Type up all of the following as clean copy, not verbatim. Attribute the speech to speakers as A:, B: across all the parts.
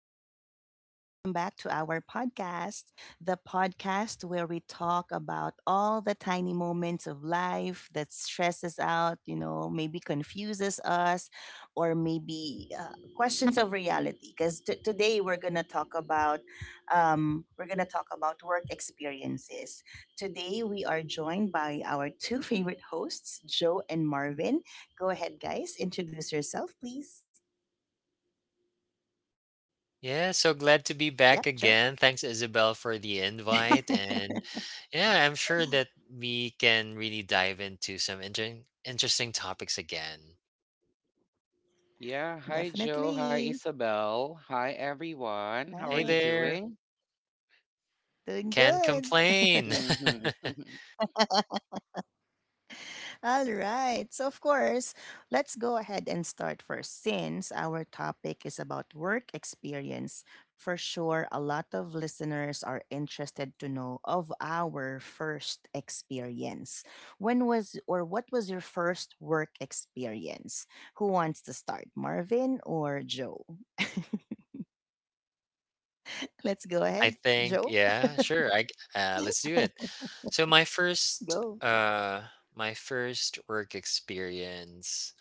A: everyone, and welcome back to our podcast, the podcast where we talk about all the tiny moments of life that stress us out, you know, maybe confuses us, or maybe questions of reality. Because today we're gonna talk about work experiences. Today we are joined by our two favorite hosts, Joe and Marvin. Go ahead, guys, introduce yourself, please.
B: Yeah, so glad to
A: Yep,
B: be
A: Joe,
B: back again. Thanks, Isabel, for the invite. And yeah, I'm sure that we can really dive into some interesting topics again.
C: Yeah, hi Joe, hi
A: definitely.
C: Isabel, hi everyone. How
A: Hi.
C: are
B: Hey
C: you
B: there.
C: doing?
A: Doing
B: Can't
A: good.
B: complain.
C: Mm-hmm.
A: All right. So, of course, let's go ahead and start first. Since our topic is about work experience, for sure, a lot of listeners are interested to know of our first experience. When was, or what was your first work experience? Who wants to start, Marvin or Joe? Let's go
B: I
A: ahead.
B: think,
A: Joe,
B: yeah, sure. I Let's do it. So
A: go.
B: my first work experience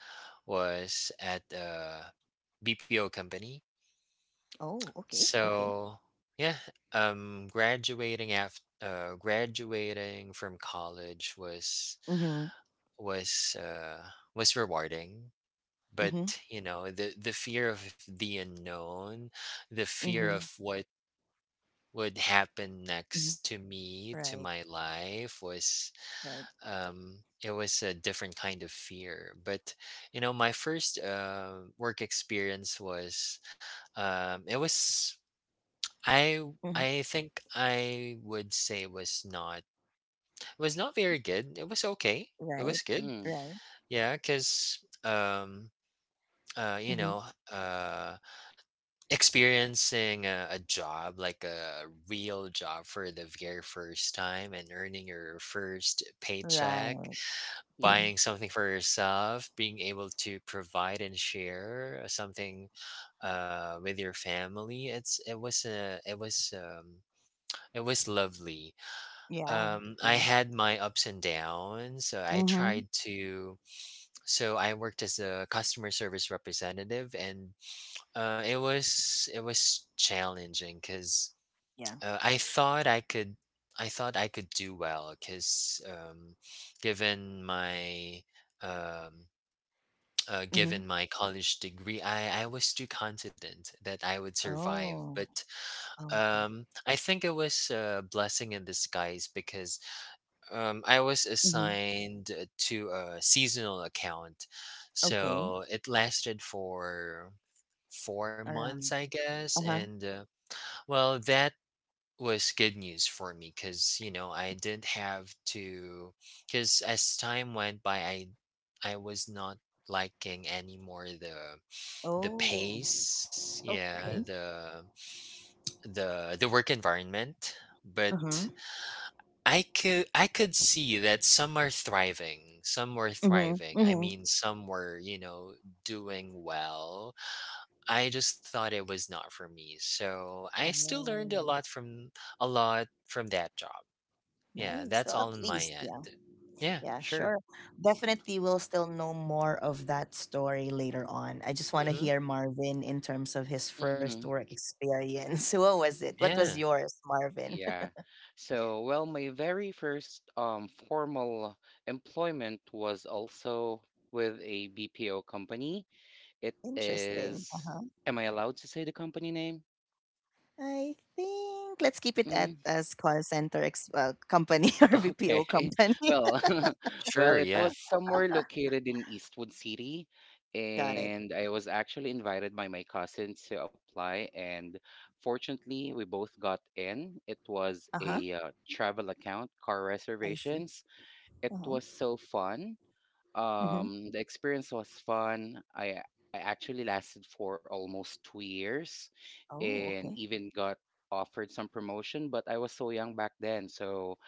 B: was at a BPO company.
A: Oh, okay. Okay.
B: So yeah, graduating after graduating from college was
A: Mm
B: was uh, was rewarding, but
A: hmm. Mm hmm.
B: you know the fear of the unknown, the fear
A: Mm
B: of what would happen
A: hmm.
B: next to
A: Right.
B: my life was.
A: Right.
B: Um it was a different kind of fear. But you know my first work experience was, it was I
A: Mm-hmm.
B: I think, I would say, was not very good. It was okay. It was
A: Right.
B: good.
C: Mm,
A: Right.
B: Yeah, cuz you
A: Mm-hmm.
B: know, uh experiencing a job like a real job for the very first time and earning your first paycheck,
A: Right.
C: yeah.
A: Mm-hmm.
B: buying something for yourself, being able to provide and share something with your family. It's it was a it was lovely.
A: Yeah.
B: I
A: Yeah.
B: had my ups and downs. So I
A: Mm-hmm.
B: tried to. So I worked as a customer service representative, and it was challenging because
A: Yeah.
B: uh, I thought I could I thought I could do well because given my um,
A: Mm-hmm.
B: given my college degree, I was too confident that I would survive.
A: Oh.
B: But
A: Oh, okay.
B: I think it was a blessing in disguise because I was
A: Mm-hmm.
B: assigned to a seasonal account,
A: Okay.
B: so it lasted for 4 months,
A: Around.
B: I guess.
A: Uh-huh.
B: And well, that was good news for me because you know I didn't have to. Because as time went by, I was not liking anymore the
A: Oh.
B: pace, yeah,
A: Okay.
B: the work environment,
A: Mm-hmm.
B: but I could see that some are thriving, some were thriving.
A: Mm-hmm.
B: I
A: Mm-hmm.
B: mean, some were, you know, doing well. I just thought it was not for me. So I still
A: Oh.
B: learned a lot from that job. Yeah,
A: Nice.
B: that's
A: So at
B: all in my
A: least, yeah.
B: end. Yeah,
A: Yeah,
B: sure.
A: sure. Definitely we'll still know more of that story later on. I just want to
B: hmm
A: hear Marvin in terms of his first
C: Mm-hmm.
A: work experience. What was it? What was
B: Yeah,
A: yours, Marvin?
C: Yeah. So, well, my very first formal employment was also with a BPO company. It
A: Interesting.
C: is,
A: Uh-huh.
C: am I allowed to say the company name?
A: I think let's keep it at
C: Mm.
A: as call center company or VPO
C: Okay.
A: company.
C: Well,
B: sure.
C: well, it
B: Yeah.
C: was somewhere located in Eastwood City,
A: Got it.
C: and I was actually invited by my cousin to apply, and fortunately, we both got in. It was
A: Uh huh.
C: a travel account, car
A: I see.
C: reservations. It
A: Uh huh.
C: was so fun.
A: Mm-hmm.
C: The experience was fun. I actually lasted for almost 2 years,
A: Oh,
C: and
A: okay.
C: even got offered some promotion, but I was so young back then, so.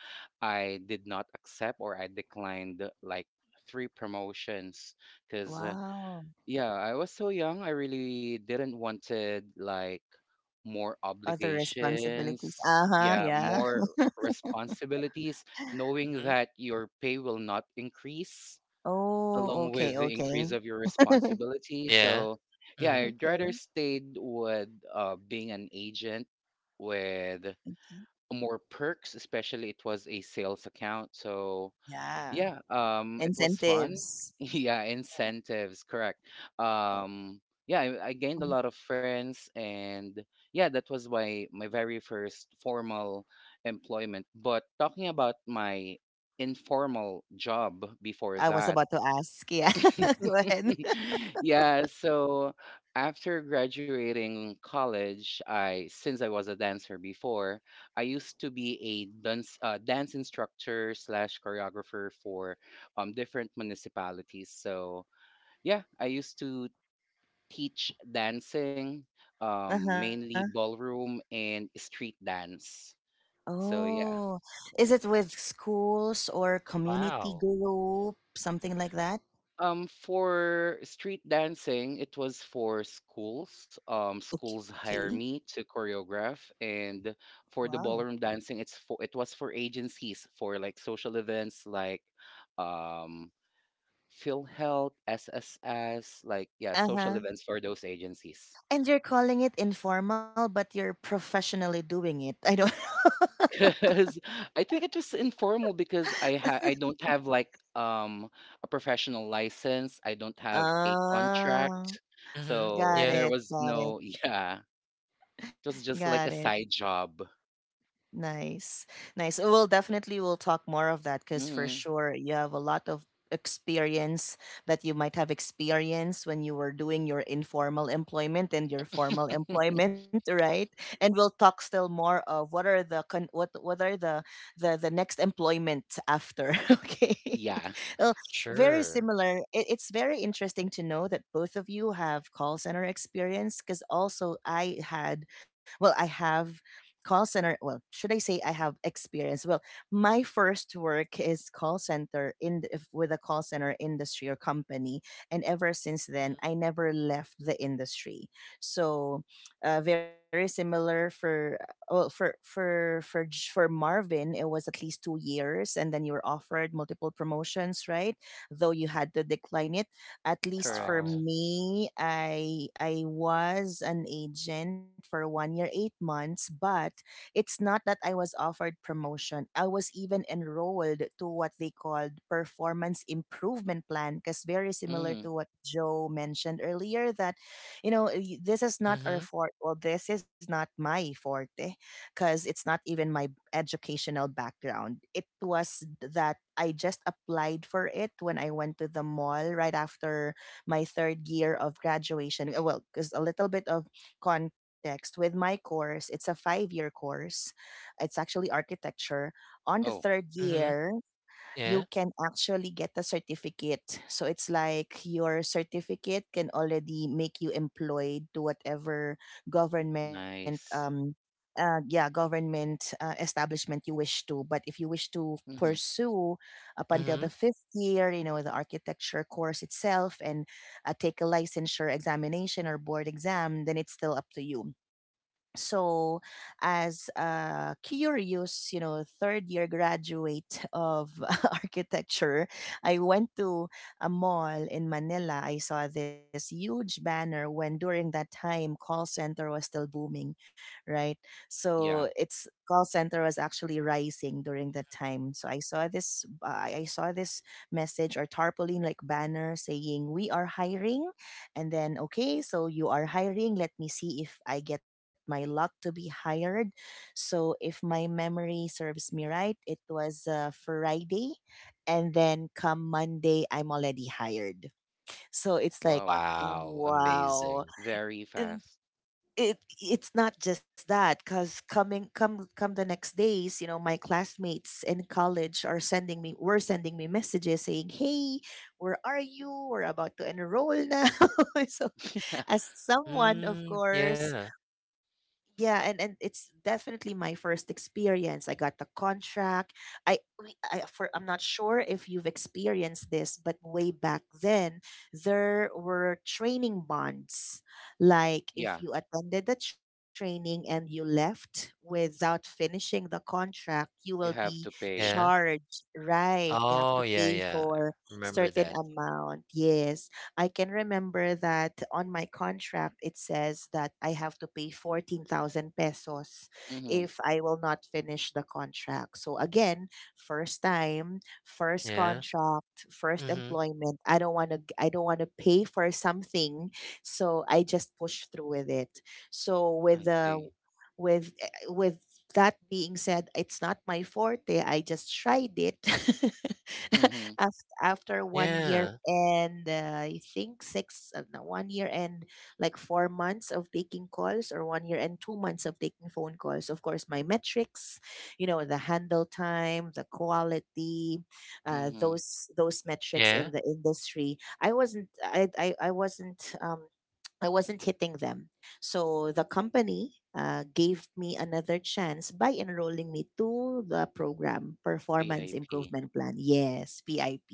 C: I did not accept or I declined like three promotions because
A: Wow.
C: yeah, I was so young. I really didn't wanted like more
A: Other responsibilities.
C: obligations,
A: Uh huh.
C: yeah,
A: Yeah.
C: more responsibilities, knowing
B: hmm
C: that your pay will not increase
A: Oh,
C: along with
A: okay.
C: the
A: Okay.
C: increase of your responsibility.
B: Yeah.
C: So yeah,
B: hmm
C: I'd rather
A: Okay.
C: stayed with being an agent with
A: Okay.
C: more perks, especially it was a sales account. So
A: Yeah.
C: yeah, it was fun.
A: Incentives.
C: Yeah, incentives, correct.
A: Right.
C: Um, yeah, I gained a
A: Mhm.
C: lot of friends, and yeah, that was my very first formal employment. But talking about my informal job before
A: I was
C: that.
A: about to ask. Yeah. Go ahead.
C: Yeah, so after graduating college, I since I was a dancer before, I used to be a dance instructor slash choreographer for different municipalities. So yeah, I used to teach dancing,
A: Uh huh.
C: mainly ballroom and street dance. So yeah,
A: Oh, is it with schools or community
B: Wow.
A: group, something like that?
C: For street dancing, it was for schools. Schools
A: Okay.
C: hire me to choreograph, and for
A: Wow.
C: the ballroom dancing, it was for agencies for like social events like um PhilHealth, SSS, like yeah, social
A: Uh-huh.
C: events for those agencies.
A: And you're calling it informal, but you're professionally doing it. I don't.
C: Because I think it was informal because I don't have like um a professional license. I don't have a
A: Ah,
C: contract.
B: hmm
C: So
B: Yeah.
C: there was
A: Got
C: no,
A: it.
C: yeah. It was just
A: Got
C: like a
A: it.
C: side job.
A: Nice. Nice. Oh, well, definitely we'll talk more of that, because for
C: Mhm.
A: sure you have a lot of experience that you might have experienced when you were doing your informal employment and your formal employment, right? And we'll talk still more of what are the what are the the next employment after. Okay.
C: Yeah,
A: Well, very
B: Sure.
A: similar. It's very interesting to know that both of you have call center experience, because also I had, well, I have call center, well, should I say I have experience, well, my first work is call center in with a call center industry or company, and ever since then I
B: hmm
A: never left the industry. So, very similar for, well, for Marvin, it was at least 2 years, and then you were offered multiple promotions, right? Though you had to decline it. At least for
C: correct.
B: Wow.
A: me, I was an agent for 1 year 8 months, but it's not that I was offered promotion. I was even enrolled to what they called Performance Improvement Plan, because very similar
C: Mhm.
A: to what Joe mentioned earlier, that you know, this is not
B: hmm
A: our forte, well, this is not my forte, because it's not even my educational background. It was that I just applied for it when I went to the mall right after my third year of graduation. Well, because a little bit of context, with my course, it's a 5 year course. It's actually architecture. On the
C: Oh,
A: third
B: hmm
A: year,
B: Yeah.
A: you can actually get a certificate. So it's like your certificate can already make you employed to whatever government
C: nice.
A: yeah, government establishment you wish to. But if you wish to
C: Mhm.
A: pursue up until
B: hmm
A: the fifth year, you know, the architecture course itself, and take a licensure examination or board exam, then it's still up to you. So as a curious, you know, third year graduate of architecture, I went to a mall in Manila. I saw this huge banner, when during that time call center was still booming, right?
C: Yeah.
A: So it's, call center was actually rising during that time. So I saw this message or tarpaulin like banner saying we are hiring. And then, okay, so you are hiring. Let me see if I get my luck to be hired. So, if my memory serves me right, it was Friday. And then, come Monday, I'm already hired. So, it's like,
C: Wow.
B: Wow,
A: wow,
B: amazing.
C: Very fast.
A: it it's not just that, because coming, come the next days, you know, my classmates in college are sending me were sending me messages saying, hey, where are you, we're about to enroll now. So, as someone, of
B: Mm, yeah,
A: course, yeah, and it's definitely my first experience. I got the contract. I we- i for I'm not sure if you've experienced this, but way back then there were training bonds. Like
C: Yeah,
A: if you attended the training and you left without finishing the contract, you will
C: you
A: be
C: have to pay.
B: yeah.
A: charged, right? You have to
B: Oh, yeah,
A: pay
B: yeah. I
A: for
B: remember
A: certain
B: that.
A: amount. Yes, I can remember that on my contract it says that I have to pay 14,000 pesos
C: Mhm.
A: if I will not finish the contract. So again, first time, first
B: Yeah.
A: contract, first
B: Mhm.
A: employment. I don't want to pay for something, so I just push through with it. So
C: I
A: with the,
C: see.
A: with that being said, it's not my forte. I just tried it.
C: Mhm.
A: After 1 year
B: Yeah.
A: and I think six, no, 1 year and like 4 months of taking calls, or 1 year and 2 months of taking phone calls. Of course, my metrics, you know, the handle time, the quality,
C: Mhm.
A: those metrics in
B: Yeah.
A: the industry. I wasn't hitting them. So the company gave me another chance by enrolling me to the program Performance
C: PAP.
A: Improvement Plan. Yes, PIP.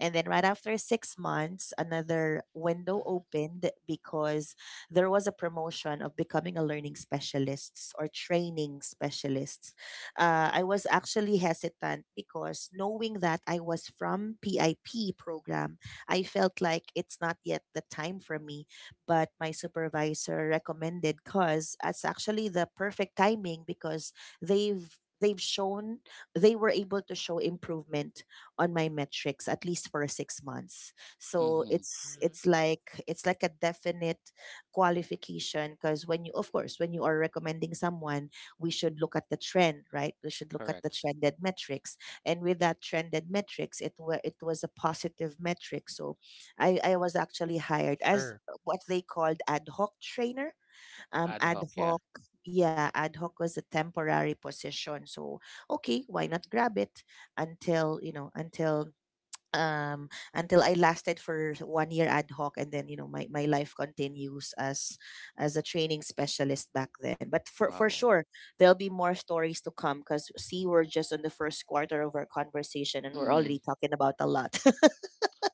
A: And then right after 6 months, another window
B: Mhm,
A: opened, because there was a promotion of becoming a learning specialist or training specialist. I was actually hesitant, because knowing that I was from PIP program, I felt like it's not yet the time for me, but my supervisor recommended, cause it's actually the perfect timing, because they've shown, they were able to show improvement on my metrics at least for 6 months. So
C: Mhm.
A: it's
B: mhm.
A: it's like, it's like a definite qualification, because when you, of course, when you are recommending someone, we should look at the trend, right? We should look at the
C: Correct.
A: trended metrics. And with that trended metrics, it was, it was a positive metric. So I was actually hired as
B: Sure.
A: what they called ad hoc trainer.
C: Ad hoc,
A: Ad
C: yeah.
A: hoc, yeah, ad hoc was a temporary position. So okay, why not grab it until, you know, um until I lasted for 1 year ad hoc. And then, you know, my life continues as a training specialist back then. But for
C: Wow.
A: sure, there'll be more stories to come, because see, we're just on the first quarter of our conversation, and we're
C: Mhm.
A: already talking about a lot.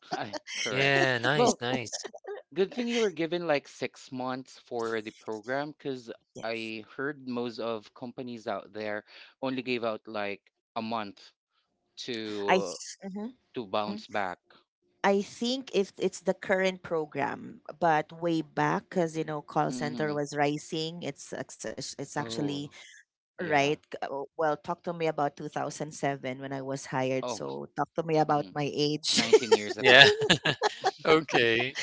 C: Correct.
B: Yeah, nice,
C: Well,
B: nice.
C: good thing you were given like 6 months for the program because
A: Yes.
C: I heard most of companies out there only gave out like a month
A: I.
C: to
A: Mhm.
C: bounce back.
A: I think if it's the current program, but way back, because, you know, call
C: Mm-hmm.
A: center was rising. It's actually
C: Oh,
A: right.
C: yeah.
A: Well, talk to me about 2007 when I was hired.
C: Oh,
A: So talk to me about
C: mhm.
A: my age.
C: 19 years
B: Yeah.
C: ago.
B: Okay.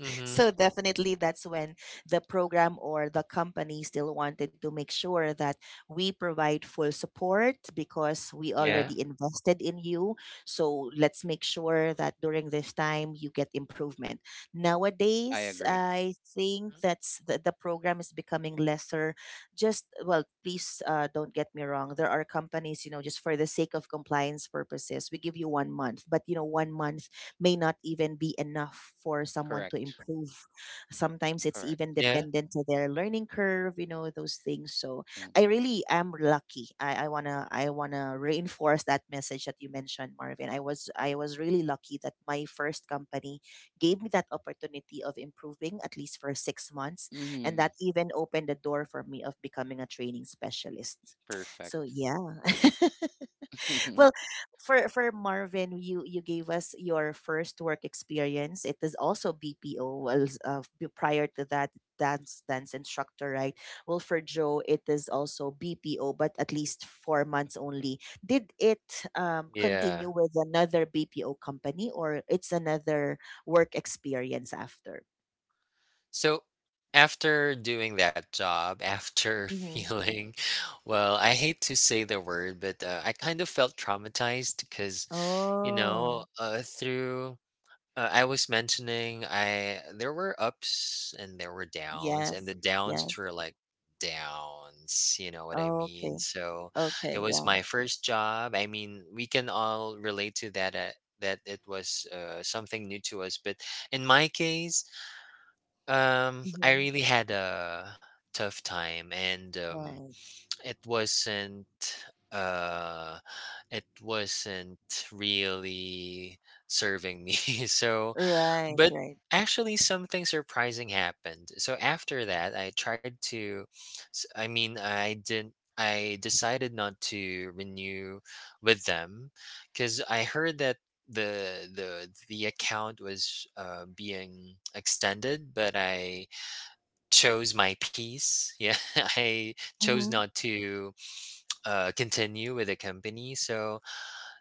B: Mhm.
A: So definitely that's when the program or the company still wanted to make sure that we provide full support, because we
C: Yeah,
B: Yeah.
A: already invested in you. So let's make sure that during this time you get improvement.
C: I
A: Nowadays,
C: agree.
A: I think
B: Mm.
A: that's the program is becoming lesser. Just, well, please, don't get me wrong. There are companies, you know, just for the sake of compliance purposes, we give you 1 month, but you know, 1 month may not even be enough for someone to
C: Correct.
A: improve. Sometimes it's
C: Correct.
A: even
B: Yeah.
A: dependent to their learning curve, you know, those things. So
C: Mm.
A: I really am lucky. I wanna reinforce that message that you mentioned, Marvin. I was really lucky that my first company gave me that opportunity of improving at least for 6 months.
C: Mm-hmm.
A: And that even opened the door for me of becoming a training specialist. So
C: Perfect.
A: yeah.
C: Mhm.
A: Well, for Marvin, you gave us your first work experience. It is also BPO. Well, prior to that, dance instructor, right? Well, for Joe, it is also BPO, but at least 4 months only. Did it
B: Yeah.
A: continue with another BPO company, or it's another work experience after?
B: So after doing that job, after
A: Mm-hmm.
B: feeling, well, I hate to say the word, but I kind of felt traumatized because, you
A: Oh,
B: know, through I was mentioning, I there were ups and there were downs, and
A: yes,
B: the downs
A: yes.
B: were like downs, you know what I mean?
A: Okay,
B: So it
A: okay,
B: was
A: yeah.
B: my first job. I mean, we can all relate to that, that it was something new to us, but in my case, I
A: Mm-hmm.
B: really had a tough time, and
A: Right,
B: it wasn't uh it wasn't really serving me. So but
A: right.
B: actually something surprising happened. So after that, I tried to I mean, I didn't, I decided not to renew with them cuz I heard that the account was being extended, but I chose my piece. Yeah, I chose
A: Mm-hmm.
B: not to continue with the company. So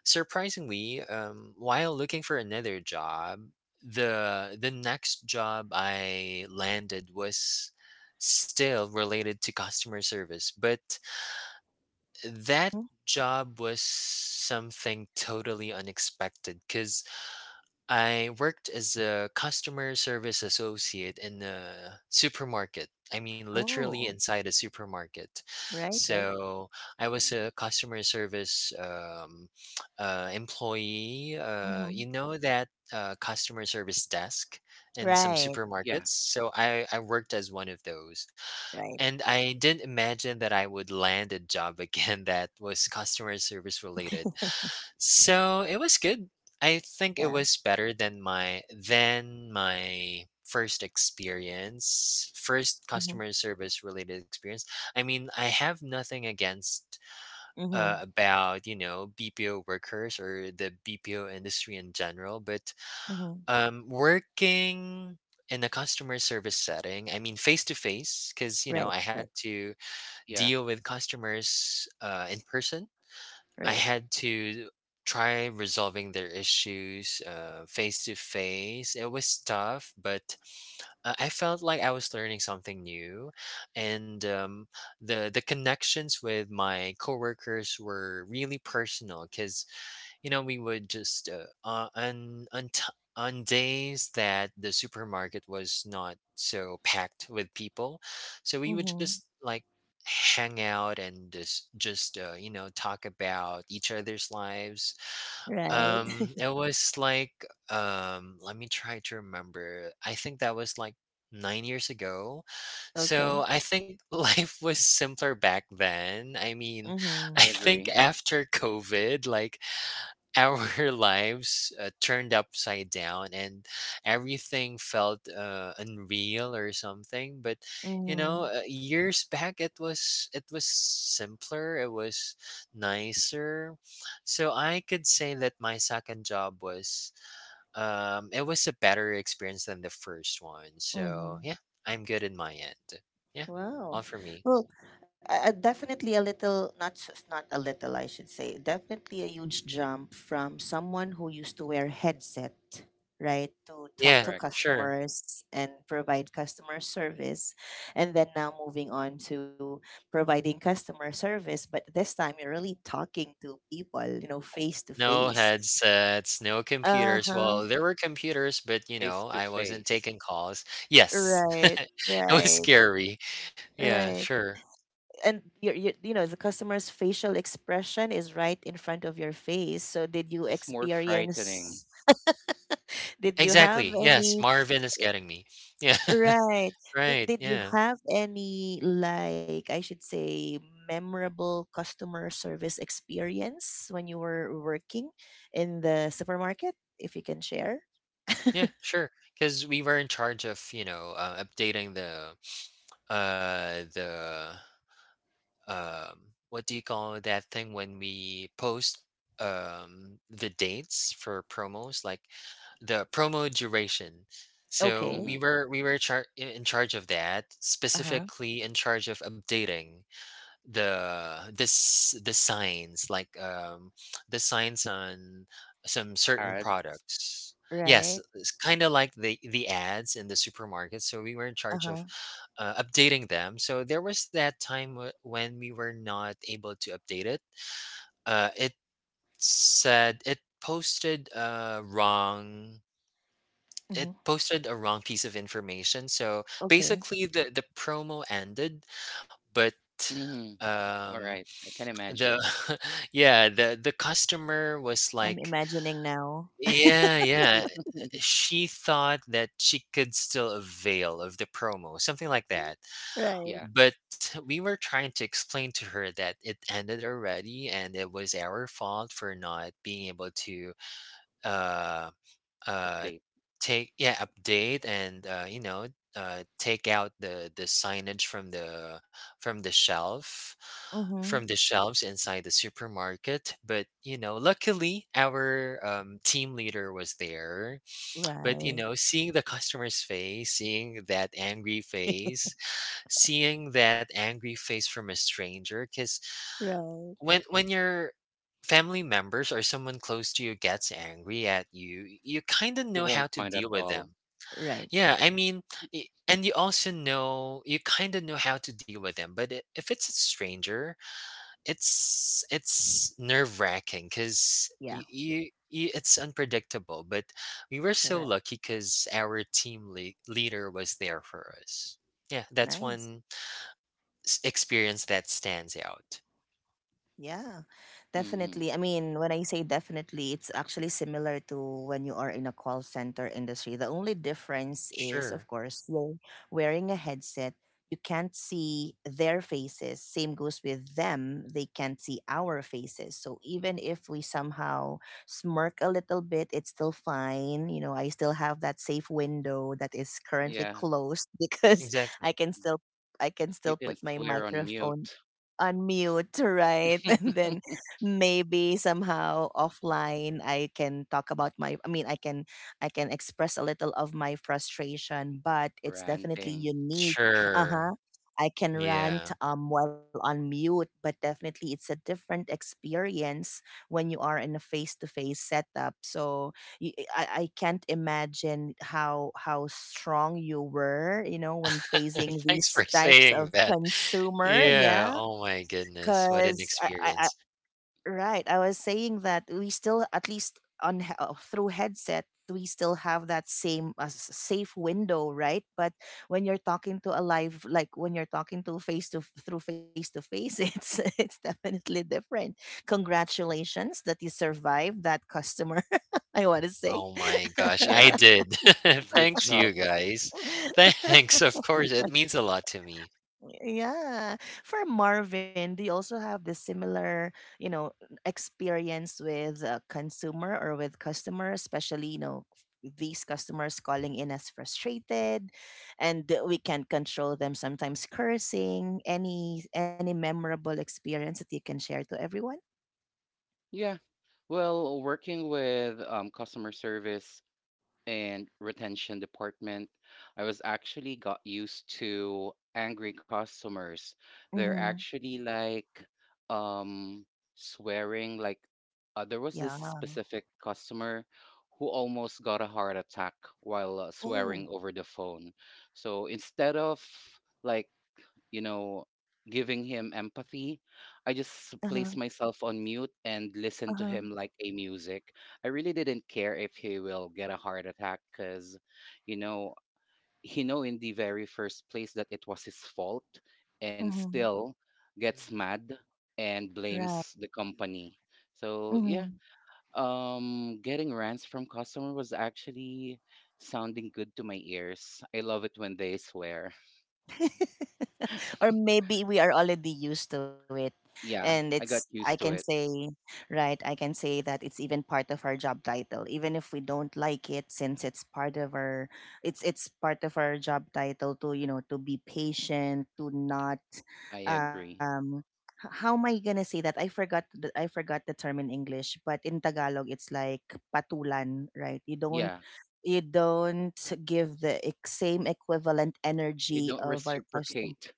B: surprisingly, while looking for another job, the next job I landed was still related to customer service, but that
A: hmm
B: job was something totally unexpected because I worked as a customer service associate in a supermarket. I mean, literally
A: Oh,
B: inside a supermarket.
A: right, right.
B: So I was a customer service, employee.
A: Mm-hmm.
B: You know that customer service desk in some
A: Right,
C: Yeah,
B: supermarkets. So I worked as one of those.
A: right.
B: And I didn't imagine that I would land a job again that was customer service related. So it was good. I think it
A: Yeah.
B: was better than my first experience, first
A: Mm-hmm.
B: customer service related experience. I mean, I have nothing against
A: Mm-hmm.
B: about you know BPO workers or the BPO industry in general, but
A: Mm-hmm.
B: working in a customer service setting, I mean face to face, because you know
A: Right,
B: I had
A: right,
B: to
C: yeah.
B: deal with customers in person. I
A: right.
B: had to try resolving their issues face to face. It was tough, but I felt like I was learning something new, and the connections with my coworkers were really personal because you know we would just on days that the supermarket was not so packed with people, so we would
A: Mm-hmm.
B: just like hang out and just you know talk about each other's lives.
A: Right.
C: Hmm.
B: It was like, let me try to remember. I think that was like 9 years ago. So
A: Okay.
B: I think life was simpler back then. I mean,
C: I
A: Mm-hmm.
B: I think
C: agree.
B: after COVID, like our lives turned upside down and everything felt unreal or something. But you know,
A: Mm-hmm.
B: years back it was, it was simpler, it was nicer. So I could say that my second job was, it was a better experience than the first one. So yeah,
A: Mm-hmm.
B: I'm good in my end. Yeah, all for
A: Wow.
B: me.
A: Well, definitely a little, not just not a little, I should say, definitely a huge jump from someone who used to wear headset, right, to
B: Yeah,
A: talk
C: Correct.
A: to
B: sure.
A: customers and provide customer service, and then now moving on to providing customer service, but this time you're really talking to people, face to
B: No
A: face.
B: headsets, no computers. Well,
A: Uh-huh.
B: there were computers, but you
C: Face
B: know,
C: to
B: I wasn't
C: face.
B: taking calls. Yes.
A: Right,
B: It was
A: right,
B: scary. Yeah,
A: right.
B: sure.
A: And your, the customer's facial expression is right in front of your face. So did you
C: It's more frightening.
A: experience did you
B: Exactly.
A: have
B: Yes,
A: any
B: Marvin is getting me. Yeah.
A: right
B: Right.
A: did you
B: Yeah.
A: have any, like, I should say, memorable customer service experience when you were working in the supermarket, if you can share?
B: Yeah, sure. Because we were in charge of, you know, updating the um what do you call that thing when we post the dates for promos, like the promo duration. So
C: Hmm.
B: we
A: Okay.
B: were, in charge of that,
A: Uh-huh.
B: specifically in charge of updating the signs, like the signs on some certain
C: Ads.
B: products. Yes,
A: Right.
B: it's kind of like the ads in the supermarket. So we were in charge of
A: Uh-huh.
B: updating them. So there was that time when we were not able to update it. It said it posted a wrong. It
A: Hmm.
B: posted a wrong piece of information. So
A: Okay.
B: basically, the promo ended, but
C: Mhm. All
B: um
C: right. I can
B: the
C: imagine.
B: yeah, the customer was
A: I'm
B: like,
A: imagining now.
B: yeah, yeah, she thought that she could still avail of the promo, something like that.
C: Yeah,
A: Right.
B: But we were trying to explain to her that it ended already and it was our fault for not being able to uh uh
C: update.
B: take yeah, update, and you know take out the signage from the shelf,
A: Mm-hmm.
B: from the shelves inside the supermarket. But you know, luckily our, team leader was there. But you know,
A: Right.
B: seeing the customer's face, seeing that angry face, from a stranger, because
A: Right.
B: when your family members or someone close to you gets angry at you, you kind of
C: You
B: know how
C: won't
B: to
C: mind at
B: deal with them.
C: all.
A: Right.
B: Yeah, I mean, and you also know, you kind of know how to deal with them, but I- if it's a stranger, it's nerve-wracking because
A: Yeah.
B: you, it's unpredictable. But we were so
A: Right.
B: lucky because our team le leader was there for us. Yeah, that's one
A: Nice.
B: S experience that stands out.
A: Yeah,
C: Mhm.
A: definitely. I mean, when I say definitely, it's actually similar to when you are in a call center industry. The only difference is, of
B: Sure.
A: course, you're wearing a headset. You can't see their faces. Same goes with them. They can't see our faces. So even if we somehow smirk a little bit, it's still fine. You know, I still have that safe window that is currently
C: Yeah.
A: closed because
B: Exactly.
A: I can still, I can
C: You
A: still
C: can
A: put my
C: swear on
A: microphone
C: mute,
A: unmute, right? And then maybe somehow offline I can talk about my. I can, I can express a little of my frustration, but it's definitely
C: ranting.
A: unique. Uh-huh.
B: Sure.
A: I can
B: Yeah.
A: rant while on mute, but definitely it's a different experience when you are in a face-to-face setup. So y- I, I can't imagine how strong you were, you know, when facing
B: Thanks for
A: these types
B: saying
A: of
B: that.
A: consumer.
B: Yeah,
A: Yeah.
B: oh my goodness, what an
A: Because I,
B: experience.
A: right, I was saying that we still at least on through headset we still have that same s- safe window, right? But when you're talking to a live, like when you're talking to face to through face to face, it's definitely different. Congratulations that you survived that customer. I want to say.
B: Oh my gosh, I
C: Yeah,
B: did.
C: good
B: Thanks, you
C: job.
B: guys. Thanks, of course, it means a lot to me.
A: Yeah. For Marvin, do you also have the similar, you know, experience with a consumer or with customer, especially, you know, these customers calling in as frustrated and we can't control them, sometimes cursing? Any memorable experience that you can share to everyone?
C: Yeah. Well, working with customer service and retention department, I was actually got used to angry customers. They're
A: Mm-hmm.
C: actually like um swearing like there was
A: Yeah.
C: this specific customer who almost got a heart attack while swearing
A: Oh.
C: over the phone. So instead of like, you know, giving him empathy, I just
A: Uh-huh.
C: place myself on mute and listen to
A: Uh-huh.
C: him like a music. I really didn't care if he will get a heart attack because, you know, he know in the very first place that it was his fault and
A: Mm-hmm.
C: still gets
B: Mhm.
C: mad and
A: Right.
C: blames the company. So yeah,
A: Mm-hmm.
C: getting rants from customer was actually sounding good to my ears. I love it when they swear.
A: Or maybe we are already used to it, and
C: Yeah,
A: it's,
C: I got
A: I can
C: used to it.
A: say, right, I can say that it's even part of our job title, even if we don't like it, since it's part of our, it's part of our job title to, you know, to be patient, to not,
C: I agree.
A: um how am I gonna say that? I forgot the, I forgot the term in English, but in Tagalog it's like patulan, right? You don't,
C: Yeah,
A: you don't give the same equivalent
C: you
A: energy
C: don't
A: of our customer.
C: reciprocate.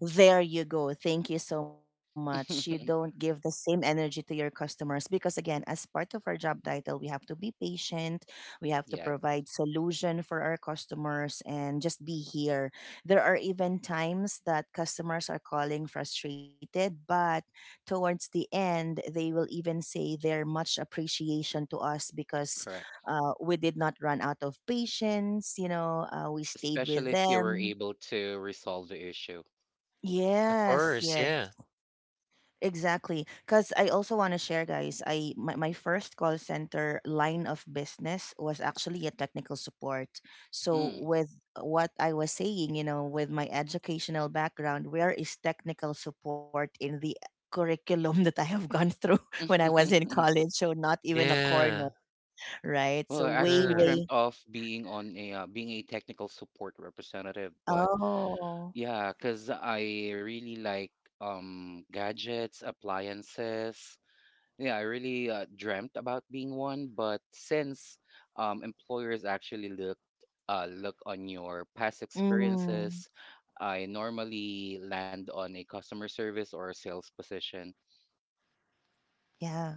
A: There you go. Thank you so much. You don't give the same energy to your customers because, again, as part of our job title, we have to be patient. We have to
C: Yes,
A: provide solution for our customers and just be here. There are even times that customers are calling frustrated, but towards the end, they will even say their much appreciation to us because,
C: correct.
A: we did not run out of patience. You know, we stayed with
C: Especially if you were
A: them.
C: able to resolve the issue.
B: Of
A: Yes,
B: course,
A: yes.
B: yeah.
A: Exactly. Because I also want to share, guys, I my, my first call center line of business was actually a technical support. So
C: Mm.
A: with what I was saying, you know, with my educational background, where is technical support in the curriculum that I have gone through when I was in college? So not even a corner,
B: Yeah.
A: right?
C: Well,
A: So
C: I
A: way,
C: actually
B: Sure.
C: dreamt
A: way.
C: of being on a being a technical support representative, but
A: Oh.
C: yeah, because I really like gadgets, appliances. Yeah, I really dreamt about being one, but since employers actually look look on your past
A: Mm.
C: experiences, I normally land on a customer service or a sales position.
A: Yeah.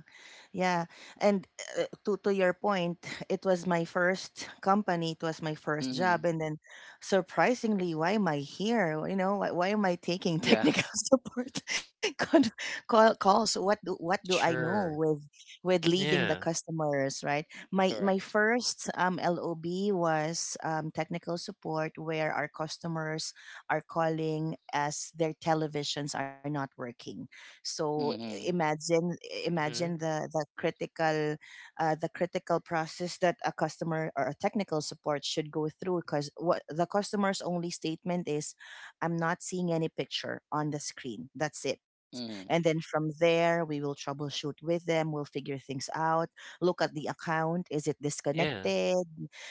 A: Yeah. And, to your point, it was my first company, it was my first
C: Mm-hmm.
A: job, and then surprisingly, why am I here? You know, why am I taking
C: Yeah.
A: technical support con- call, calls? What do I know
B: Sure.
A: with leading the
B: Yeah.
A: customers, right? My
C: Correct.
A: first LOB was technical support, where our customers are calling as their televisions are not working. So
C: Mm-hmm.
A: imagine, imagine
B: Mhm.
A: the critical, the critical process that a customer or a technical support should go through, because what the customer's only statement is, I'm not seeing any picture on the screen. That's it.
C: Mm-hmm.
A: And then from there we will troubleshoot with them, we'll figure things out. Look at the account, is it
B: Yeah.
A: disconnected,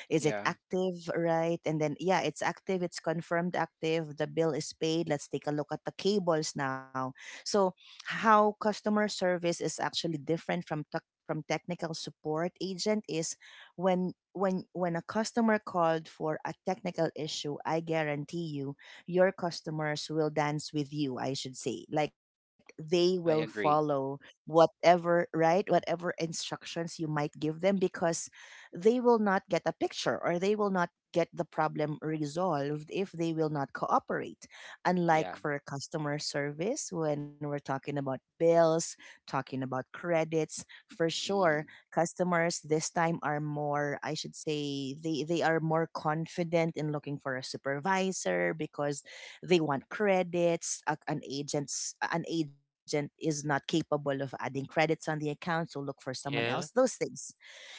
A: is it
C: Yeah,
A: active, right? And then, yeah, it's active, it's confirmed active, the bill is paid, let's take a look at the cables now. So how customer service is actually different from technical support agent is when, when a customer called for a technical issue, I guarantee you your customers will dance with you, I should say, like, they will
C: I
A: follow
C: agree.
A: whatever, right, whatever instructions you might give them, because they will not get a picture or they will not get the problem resolved if they will not cooperate. Unlike
C: Yeah.
A: for customer service, when we're talking about bills, talking about credits, for sure,
C: Mm-hmm.
A: customers this time are more, I should say, they are more confident in looking for a supervisor because they want credits. An agent's an agent is not capable of adding credits on the account, so look for someone else.
B: Yeah.
A: Those things.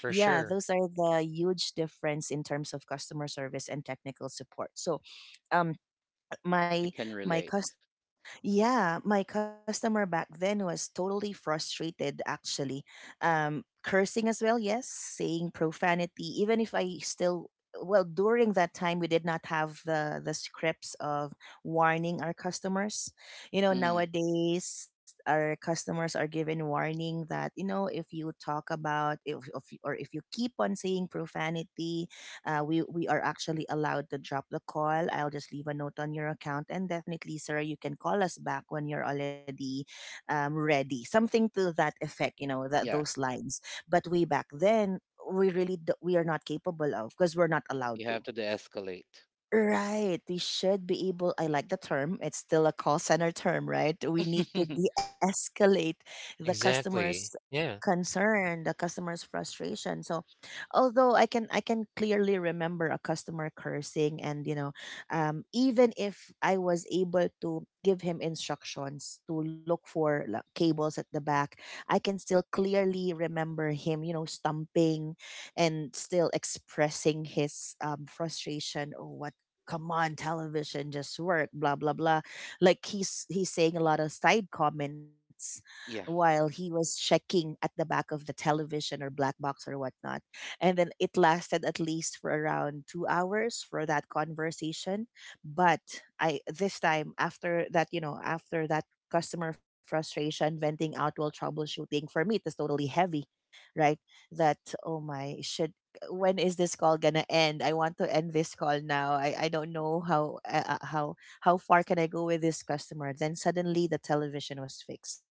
B: For
A: those
B: sure.
A: are the huge difference in terms of customer service and technical support. So, um
C: I
A: my
C: can
A: my
C: relate.
A: cus yeah, my customer back then was totally frustrated, actually, cursing as well, yes, saying profanity, even if I still, well, during that time we did not have the scripts of warning our customers. You know,
C: Mm-hmm.
A: nowadays our customers are given warning that, you know, if you talk about, if you- or if you keep on saying profanity, we are actually allowed to drop the call. I'll just leave a note on your account, and definitely, sir, you can call us back when you're already, ready. Something to that effect, you know, that
C: Yeah,
A: those lines. But way back then, we really we are not capable of, because we're not allowed
C: you
A: to.
C: have to de-escalate.
A: Right. We should be able, I like the term, it's still a call center term, right? We need to de escalate the customer's
B: Exactly. Yeah.
A: concern, the customer's frustration. So although I can, I can clearly remember a customer cursing, and, you know, even if I was able to give him instructions to look for, like, cables at the back, I can still clearly remember him, you know, stumping and still expressing his, frustration or what, come on television just work, blah blah blah, like, he's saying a lot of side comments
C: Yeah.
A: while he was checking at the back of the television or black box or whatnot. And then it lasted at least for around 2 hours for that conversation. But I this time after that, you know, after that customer frustration, venting out while troubleshooting, for me it was totally heavy, right, that, oh my, should, when is this call gonna end? I want to end this call now. I don't know how, how far can I go with this customer. Then suddenly the television was fixed.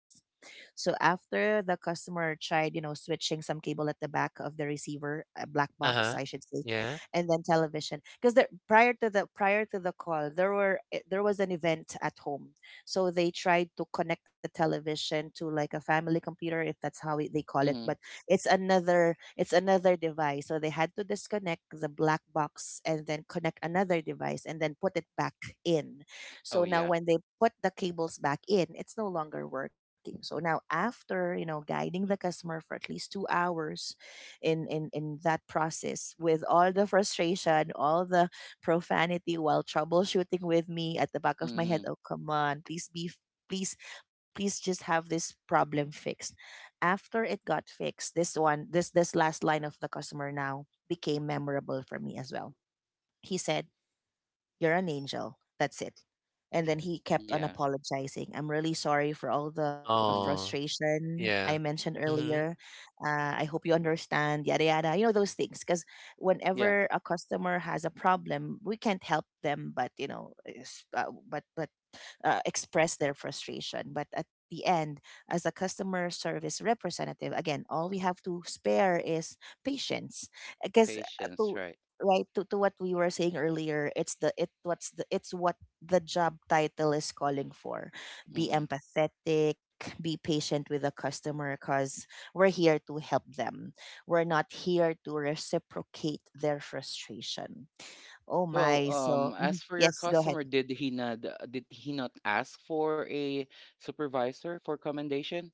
A: So after the customer tried, you know, switching some cable at the back of the receiver, a black
B: Uh-huh.
A: box, I should say,
B: Yeah.
A: and then television, because there prior to the call, there were there was an event at home, so they tried to connect the television to like a family computer, if that's how it, they call it,
C: Mm-hmm.
A: but it's another, it's another device. So they had to disconnect the black box and then connect another device and then put it back in. So
C: Oh
A: now
C: yeah.
A: when they put the cables back in, it's no longer working. So now after, you know, guiding the customer for at least 2 hours in that process, with all the frustration, all the profanity while troubleshooting, with me at the back of my head,
C: Mm-hmm.
A: oh come on, please be, please, please just have this problem fixed. After it got fixed, this one, this last line of the customer now became memorable for me as well. He said, you're an angel. That's it. And then he kept on
C: Yeah.
A: apologizing. I'm really sorry for all the
C: Mm-hmm.
B: Oh,
A: frustration I
B: yeah.
A: mentioned earlier.
B: Mhm,
A: I hope you understand, yada, yada, you know, those things. Because
C: Yeah.
A: whenever a customer has a problem, we can't help them, but, you know, but, express their frustration. But at the end, as a customer service representative, again, all we have to spare is patience. Because
C: Patience,
A: to
C: right?
A: right to what we were saying earlier, it's the it's what the job title is calling for. Be
C: Mm-hmm.
A: empathetic, be patient with the customer because we're here to help them. We're not here to reciprocate their frustration. Oh
C: Well,
A: my, so mhm.
C: as for your
A: Yes, go ahead.
C: customer, did he not ask for a supervisor for commendation?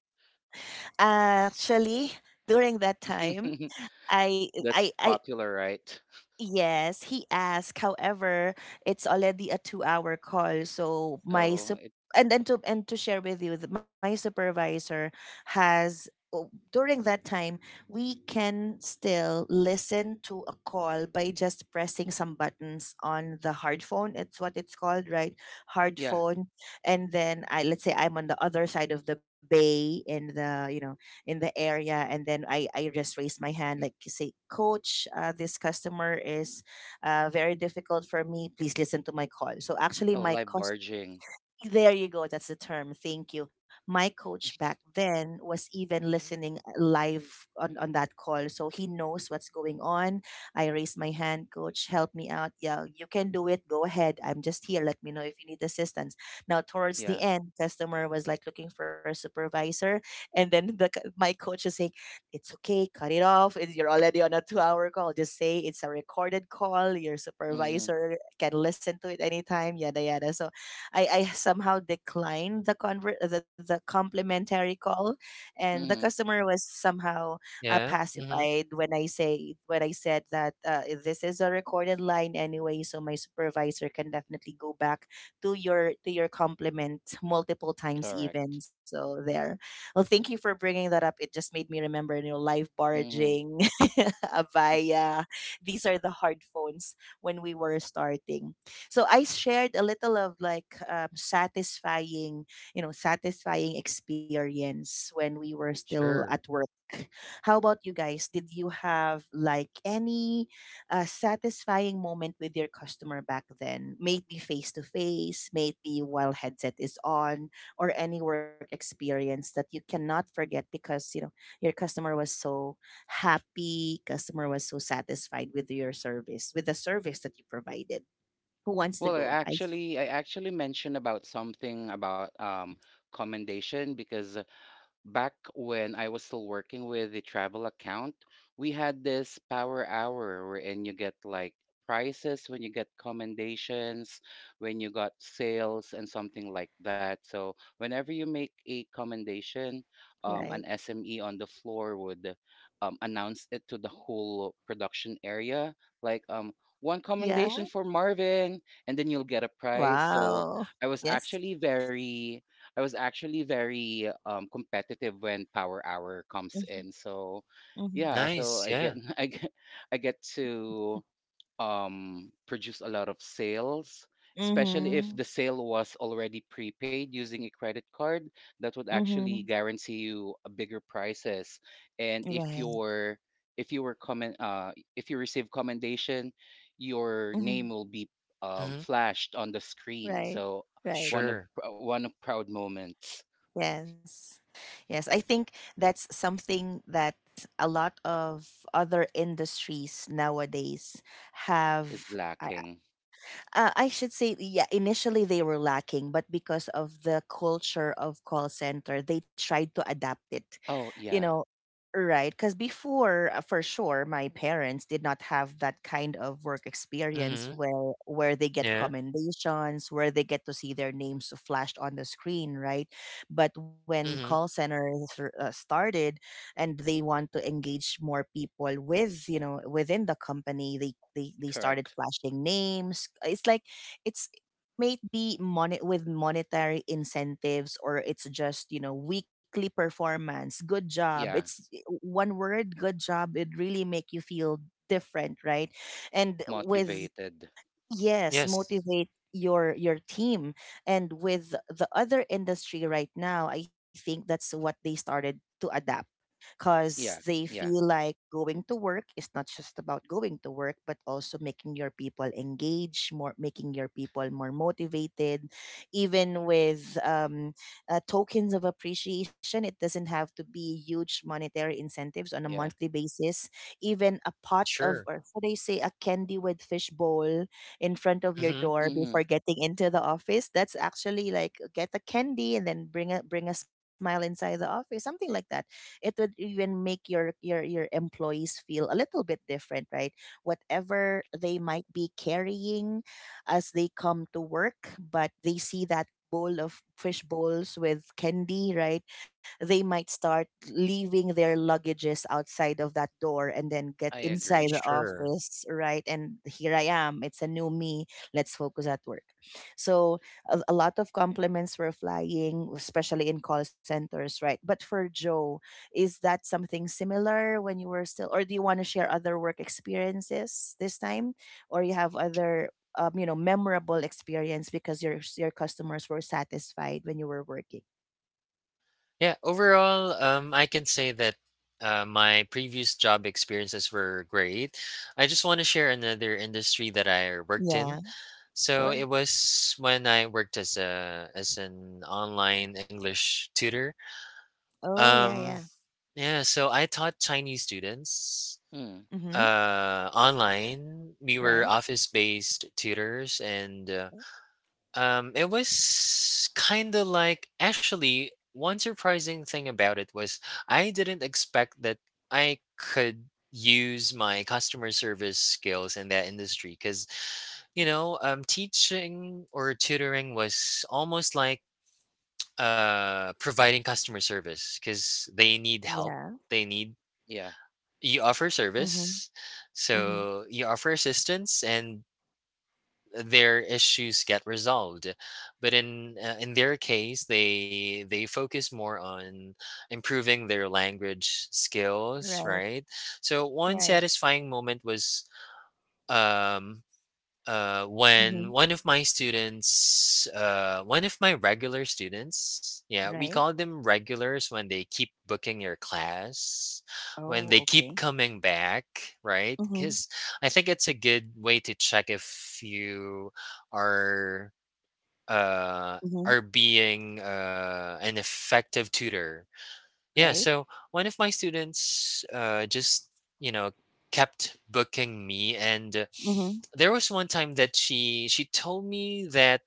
A: Actually, during that time, I I
C: That's
A: I
C: popular, right?
A: yes, he asked. However, it's already a 2-hour call, so my
C: So
A: sup-
C: it,
A: and to share with you that my supervisor has... oh, During that time, we can still listen to a call by just pressing some buttons on the hard phone. It's what it's called, right? Hard
C: yeah.
A: phone. And then I let's say I'm on the other side of the bay in the in the area, and then I just raised my hand like, say, coach, this customer is very difficult for me, please listen to my call. So actually
C: Oh,
A: my...
C: live barging.
A: there you go. That's the term. Thank you. My coach back then was even
B: mhm.
A: listening live on that call. So he knows what's going on. I raised my hand, coach, help me out. Yeah, you can do it. Go ahead. I'm just here. Let me know if you need assistance. Now, towards
C: Yeah.
A: the end, customer was like looking for a supervisor. And then the, c- my coach is saying, it's okay. Cut it off. It- You're already on a 2-hour call. Just say it's a recorded call. Your
C: Mm-hmm.
A: supervisor can listen to it anytime. Yada, yada. So I somehow declined the conver- the complimentary call, and the
C: Mm-hmm.
A: customer was somehow
B: Yeah, mhm.
A: pacified when I said that this is a recorded line anyway, so my supervisor can definitely go back to your compliment multiple times
C: Correct.
A: even. So there. Well, thank you for bringing that up. It just made me remember, you know, live
C: Hmm.
A: barging, Avaya. These are the hard phones when we were starting. So I shared a little of like satisfying, you know, satisfying experience when we were still at
B: Sure.
A: work. How about you guys? Did you have like any satisfying moment with your customer back then? May it be face to face, may it be while headset is on, or any work experience that you cannot forget because you know your customer was so happy, customer was so satisfied with your service, with the service that you provided. Who wants to
C: Well, I
A: go? I s-
C: actually, I actually mentioned about something about commendation because back when I was still working with the travel account, we had this power hour wherein you get like prices when you get commendations, when you got sales and something like that. So
A: uh-huh,
C: whenever you make a commendation,
A: right.
C: an SME on the floor would announce it to the whole production area, like one
A: Yeah.
C: commendation for Marvin, and then you'll get a prize. So
A: Wow.
C: I was
A: Yes.
C: actually very I was actually very competitive when power hour comes in. So
A: Mhm.
C: yeah, so
B: Nice,
C: I get
B: yeah.
C: I get to produce a lot of sales, especially if
A: Mhm.
C: the sale was already prepaid using a credit card. That would actually
A: Mhm.
C: guarantee you a bigger prices. And
A: Right.
C: if you were comment, uh, if you receive commendation, your name
A: Mhm.
C: will be
B: Mhm.
C: flashed on the screen.
A: Right.
C: So
A: Right.
C: one of
B: Sure.
C: pr- one of proud moments
A: Yes. Yes, I think that's something that a lot of other industries nowadays
C: is
A: have
C: lacking.
A: I should say, yeah, initially they were lacking, but because of the culture of call center, they tried to adapt it,
C: Oh
A: you
C: yeah,
A: know, right? Because before, for sure, my parents did not have that kind of work experience
B: Mhm.
A: where they get
B: Yeah.
A: commendations, where they get to see their names flashed on the screen, right? But when call
B: Mhm.
A: centers r- started, and they want to engage more people with, you know, within the company, they started
C: correct.
A: flashing names. It's like, it's maybe money, with monetary incentives, or it's just, you know, weekly performance, good job.
C: Yeah,
A: It's I- one word, good job, it really make you feel different, right? and with
C: motivated.
A: Yes,
B: Yes.
A: motivate your team. And with the other industry right now, I think that's what they started to adapt, because
C: Yeah,
A: they feel
C: yeah,
A: like going to work is not just about going to work, but also making your people engage more, making your people more motivated. Even with tokens of appreciation, it doesn't have to be huge monetary incentives on a
C: yeah.
A: monthly basis. Even a pot of,
B: Sure.
A: or what do you say, a candy with fish bowl in front of your
B: Mhm.
A: door
C: Mm-hmm.
A: before getting into the office. That's actually like, get a candy and then bring a smile inside the office, something like that. It would even make your employees feel a little bit different, right? Whatever they might be carrying as they come to work, but they see that bowl of fish bowls with candy, right? They might start leaving their luggages outside of that door and then get
C: I
A: inside
C: agree.
A: the
B: Sure.
A: office, right? And here I am, it's a new me. Let's focus at work. So a lot of compliments were flying, especially in call centers, right? But for Joe, is that something similar when you were still, or do you want to share other work experiences this time, or you have other, you know, memorable experience because your customers were satisfied when you were working?
B: Yeah, overall, I can say that, my previous job experiences were great. I just wanna share another industry that I worked in.
A: Yeah,
B: So it
A: sure.
B: was when I worked as a as an online English tutor.
A: Oh yeah, yeah.
B: Um, yeah, so I taught Chinese students
C: Hmm.
A: Hmm.
B: online. We were
A: Right.
B: office-based tutors, and it was kind of like, actually, one surprising thing about it was I didn't expect that I could use my customer service skills in that industry, cuz you know, teaching or tutoring was almost like providing customer service, cuz they need
A: Yeah.
B: help. They need,
C: Yeah,
B: you offer
A: Mm-hmm.
B: service,
A: Mm-hmm.
B: so you offer assistance and their issues get resolved. But in their case, they focus more on improving their language skills,
A: Right.
B: right? So one
A: Right.
B: satisfying moment was, um
A: Mm-hmm.
B: when one of my students, one of my regular students, yeah, we
A: Right.
B: call them regulars, when they keep booking your class, when
A: Oh,
B: they
A: okay.
B: keep coming back, right?
A: Mm-hmm.
B: Because I think it's a good way to check if you are uh,
A: Mm-hmm.
B: are being an effective tutor.
A: Right.
B: Yeah, so one of my students you know, kept booking me, and
A: Mm-hmm.
B: there was one time that she told me that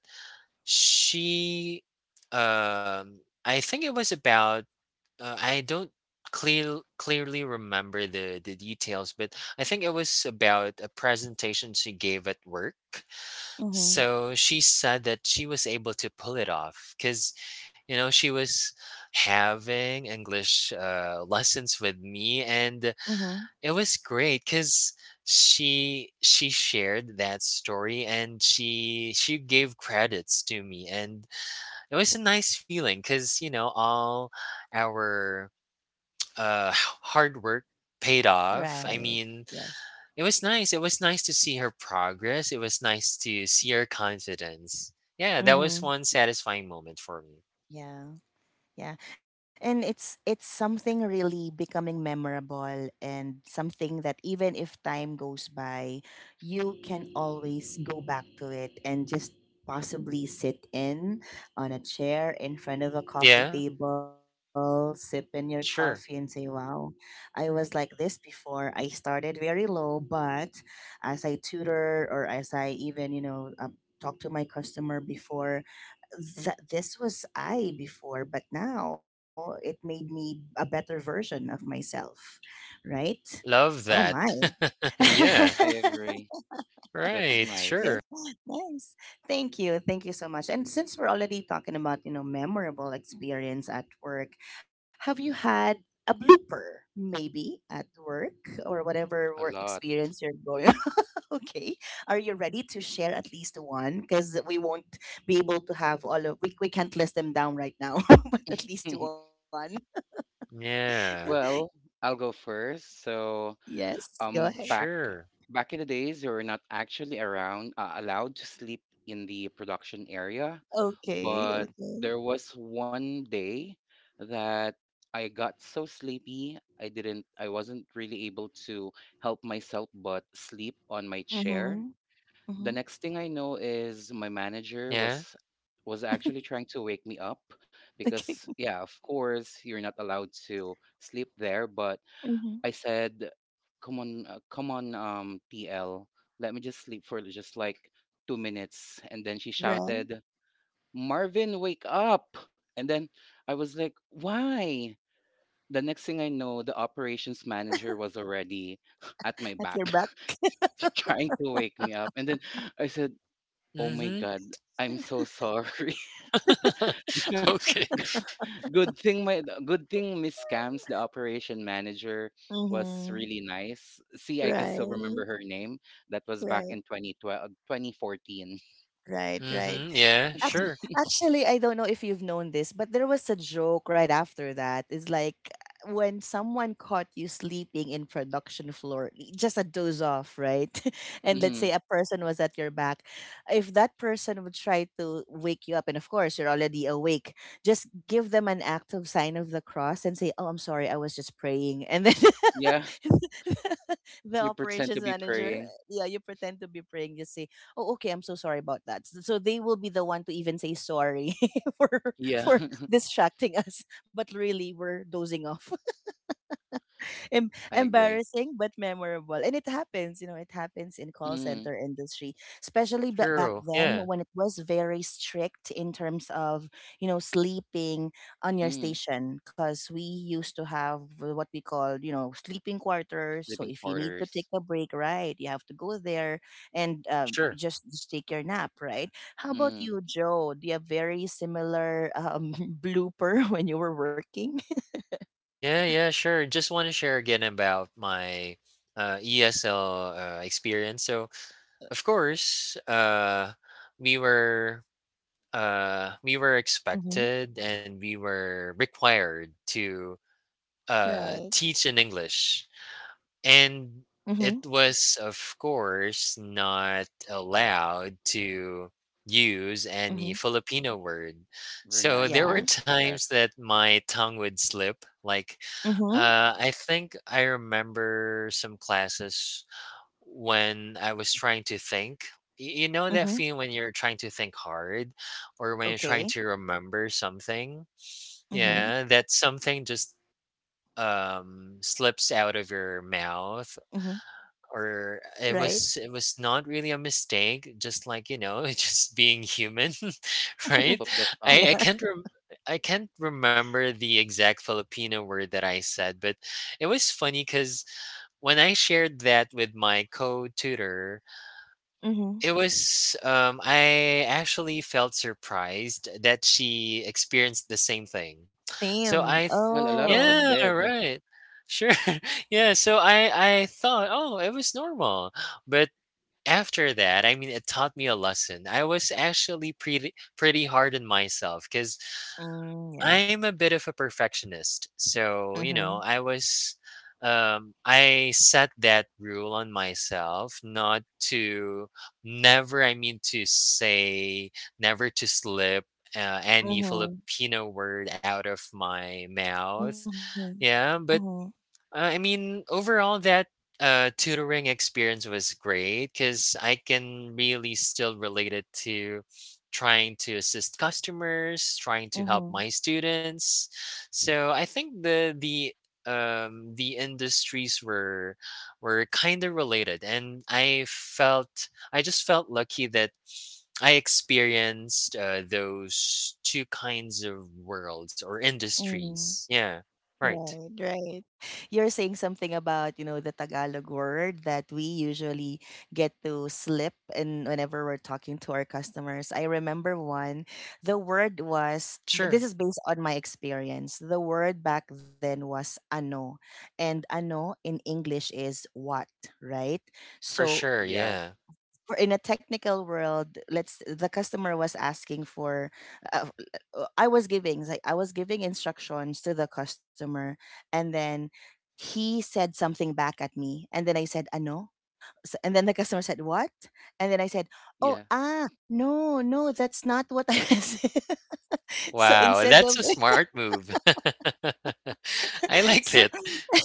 B: she, um, I think it was about I don't clearly remember the details, but I think it was about a presentation she gave at work,
A: Mm-hmm.
B: so she said that she was able to pull it off because, you know, she was having English lessons with me, and
A: Mm-hmm.
B: it was great because she shared that story and she gave credits to me, and it was a nice feeling because you know all our hard work paid off. I
A: Right.
B: mean,
A: Yes.
B: it was nice. It was nice to see her progress. It was nice to see her confidence. Yeah, that was
A: Mm-hmm.
B: one satisfying moment for me.
A: Yeah. Yeah. And it's something really becoming memorable, and something that even if time goes by, you can always go back to it and just possibly sit in on a chair in front of a coffee
B: Yeah,
A: table, sipping your coffee and say,
B: sure.
A: "Wow, I was like this before. I started very low, but as I tutor or as I even, you know, talk to my customer before, that this was I before, but now it made me a better version of myself, right?"
B: Love
A: Oh
B: that.
A: my.
B: yeah,
C: I agree. That's
B: right.
C: nice.
A: Ni-
B: Sure.
A: nice. Thank you. Thank you so much. And since we're already talking about, you know, memorable experience at work, have you had a blooper maybe at work or whatever
C: A
A: work
C: lot.
A: experience you're going... Okay. Are you ready to share at least one? Because we won't be able to have all of we can't list them down right now, but at least one.
B: Yeah,
C: Well, I'll go first. So,
A: Yes. Go ahead.
C: um, back
B: sure.
C: back in the days, you were not actually around allowed to sleep in the production area,
A: Okay.
C: but
A: Okay.
C: there was one day that I got so sleepy, I didn't, I wasn't really able to help myself but sleep on my chair.
A: Mhm.
C: The
A: Mhm.
C: next thing I know is my manager
B: Yeah.
C: was actually trying to wake me up because
A: Okay.
C: yeah, of course you're not allowed to sleep there, but
A: Mhm.
C: I said, "Come on, come on, TL, let me just sleep for just like 2 minutes." And then she
A: Right.
C: shouted, "Marvin, wake up!" And then I was like, "Why?" The next thing I know, the operations manager was already at my
A: At
C: back,
A: your back.
C: trying to wake me up. And then I said, "Oh my
B: Mm
C: God. I'm so sorry."
B: hmm. okay.
C: Good thing Miss Cams, the operation manager, was
A: Mhm.
C: really nice. See, I can still
A: Right.
C: remember her name. That was back
A: Right.
C: in 2012, 2014.
A: Right.
B: Mm
A: Right.
B: hmm. Yeah,
A: Ac-
B: sure.
A: actually, I don't know if you've known this, but there was a joke right after that. It's like, when someone caught you sleeping in production floor, y- just a doze off, right? And let's
C: Hmm.
A: say a person was at your back. If that person would try to wake you up, and of course you're already awake, just give them an act of sign of the cross and say, "Oh, I'm sorry, I was just praying," and then
C: Yeah,
A: the
C: you pretend
A: operations
C: to be
A: manager,
C: praying.
A: yeah, you pretend to be praying, just say, "Oh, okay, I'm so sorry about that." S- So they will be the one to even say sorry
C: Yeah,
A: for distracting us, but really we're dozing off. Em-
C: I agree.
A: embarrassing but memorable, and it happens, you know, it happens in call
C: Mm.
A: center industry, especially ba- back
B: Sure.
A: then
B: Yeah,
A: when it was very strict in terms of, you know, sleeping on your
C: Mm.
A: station, because we used to have what we call, you know, sleeping quarters. So
C: Sleeping
A: if you need to take
C: quarters.
A: a break, right, you have to go there, and
B: sure.
A: just take your nap, right? How about
C: Mm.
A: you, Joe, do you have very similar blooper when you were working?
B: Yeah, yeah, sure. Just want to share again about my ESL experience. So, of course, we were we were
A: Hmm.
B: expected and we were required to
A: Right.
B: teach in English. And
A: Mm-hmm.
B: it was, of course, not allowed to use
A: Mm-hmm.
B: any Filipino word. So there were
A: Yeah.
C: Vernaculars,
B: times
C: yes.
B: that my tongue would slip. Like,
A: Mhm.
B: I think I remember some classes when I was trying to think. You know that
A: Mhm.
B: feeling when you're trying to think hard or when you're trying
A: Okay.
B: to remember something?
C: Mm.
B: Yeah,
A: Mhm.
B: that something just slips out of your mouth,
A: Mhm.
B: or it
A: Right.
B: was, it was not really a mistake, just like, you know, it's just being human.
C: Slip
B: Right.
C: of the
B: I
C: tongue.
B: can't rem- I can't remember the exact Filipino word that I said, but it was funny because when I shared that with my co-tutor.
A: Yeah. Mhm.
B: It was, I actually felt surprised that she experienced the same thing. So
A: Same.
B: I th-
C: Well, a lot of us
B: yeah,
A: Oh.
C: did.
B: right. Sure. Yeah, so I thought, "Oh, it was normal." But after that, I mean, it taught me a lesson. I was actually pretty hard on myself because.
A: Mm, yeah.
B: I'm a bit of a perfectionist. So, you know,
A: Mhm.
B: I set that rule on myself not to never I mean to say never to slip any
A: Mhm.
B: Filipino word out of my mouth.
A: Mhm.
B: Yeah,
A: Mhm.
B: but I mean, overall, that tutoring experience was great because I can really still relate it to trying to assist customers, trying to help
A: Mhm.
B: my students. So I think the industries were kind of related, and I just felt lucky that I experienced those two kinds of worlds or industries.
A: Mhm.
B: Yeah, right.
A: Right, right. You're saying something about, you know, the Tagalog word that we usually get to slip in whenever we're talking to our customers. I remember one, the word was,
B: Sure.
A: this is based on my experience. The word back then was ano, and ano in English is what, right?
B: For
A: So
B: sure,
C: Yeah,
B: yeah.
A: for in a technical world, let's... the customer was asking for uh, I was giving instructions to the customer, and then he said something back at me, and then I said, ano. S- and then the customer said, what? And then I said, oh,
C: yeah,
A: ah, no, no, that's not what I said. So
B: Wow,
A: instead
B: that's
A: of
B: a smart move. I
A: so
B: like it.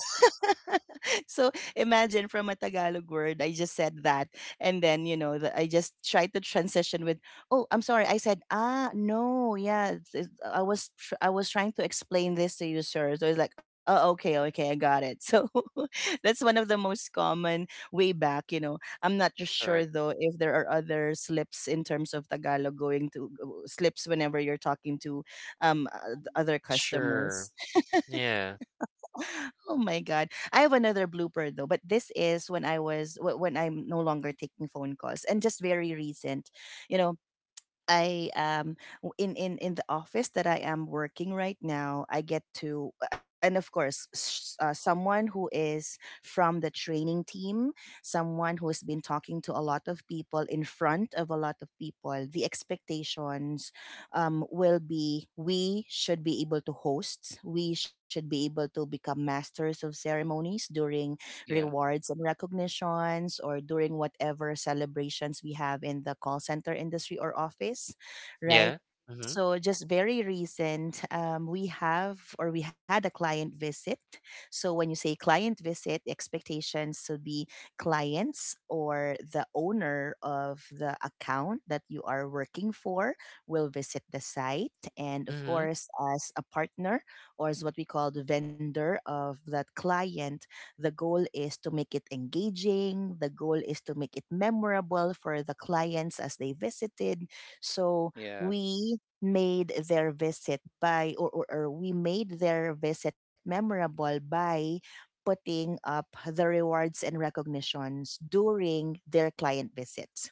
A: so imagine, from a Tagalog word, I just said that. And then, you know, the, I just tried to transition with, oh, I'm sorry. I said, ah, no, yeah. It's- it's- I was, tr- I was trying to explain this to you, sir. So it's like, oh, okay, okay, I got it. So that's one of the most common way back, you know. I'm not just sure
C: correct.
A: though if there are other slips in terms of Tagalog going to slips whenever you're talking to other
B: Sure.
A: customers.
B: Yeah.
A: Oh my god. I have another blooper though, but this is when I was wh- when I'm no longer taking phone calls and just very recent. You know, I w- in in the office that I am working right now, I get to, and of course s- someone who is from the training team, someone who has been talking to a lot of people in front of a lot of people. The expectations will be we should be able to host, we should be able to become masters of ceremonies during
C: Yeah,
A: rewards and recognitions or during whatever celebrations we have in the call center industry or office,
B: Yeah.
A: right?
B: Mhm.
A: So just very recent, we have, or we had, a client visit. So when you say client visit, expectations should be clients or the owner of the account that you are working for will visit the site. And of
B: Mhm.
A: course, as a partner or as what we call the vendor of that client, the goal is to make it engaging. The goal is to make it memorable for the clients as they visited. So
C: yeah.
A: we made their visit by, or we made their visit memorable by putting up the rewards and recognitions during their client visits.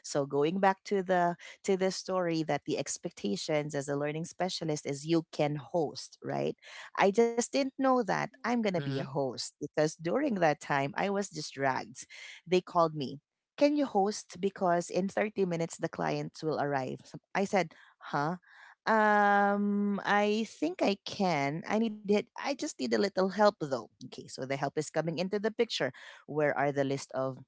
A: So going back to the story, that the expectations as a learning specialist is you can host, right? I just didn't know that I'm gonna be a
B: Mhm.
A: host because during that time I was just dragged. They called me. Can you host? Because in 30 minutes the clients will arrive. So I said, huh? I think I can. I need it. I just need a little help though. Okay, so the help is coming into the picture. Where are the list of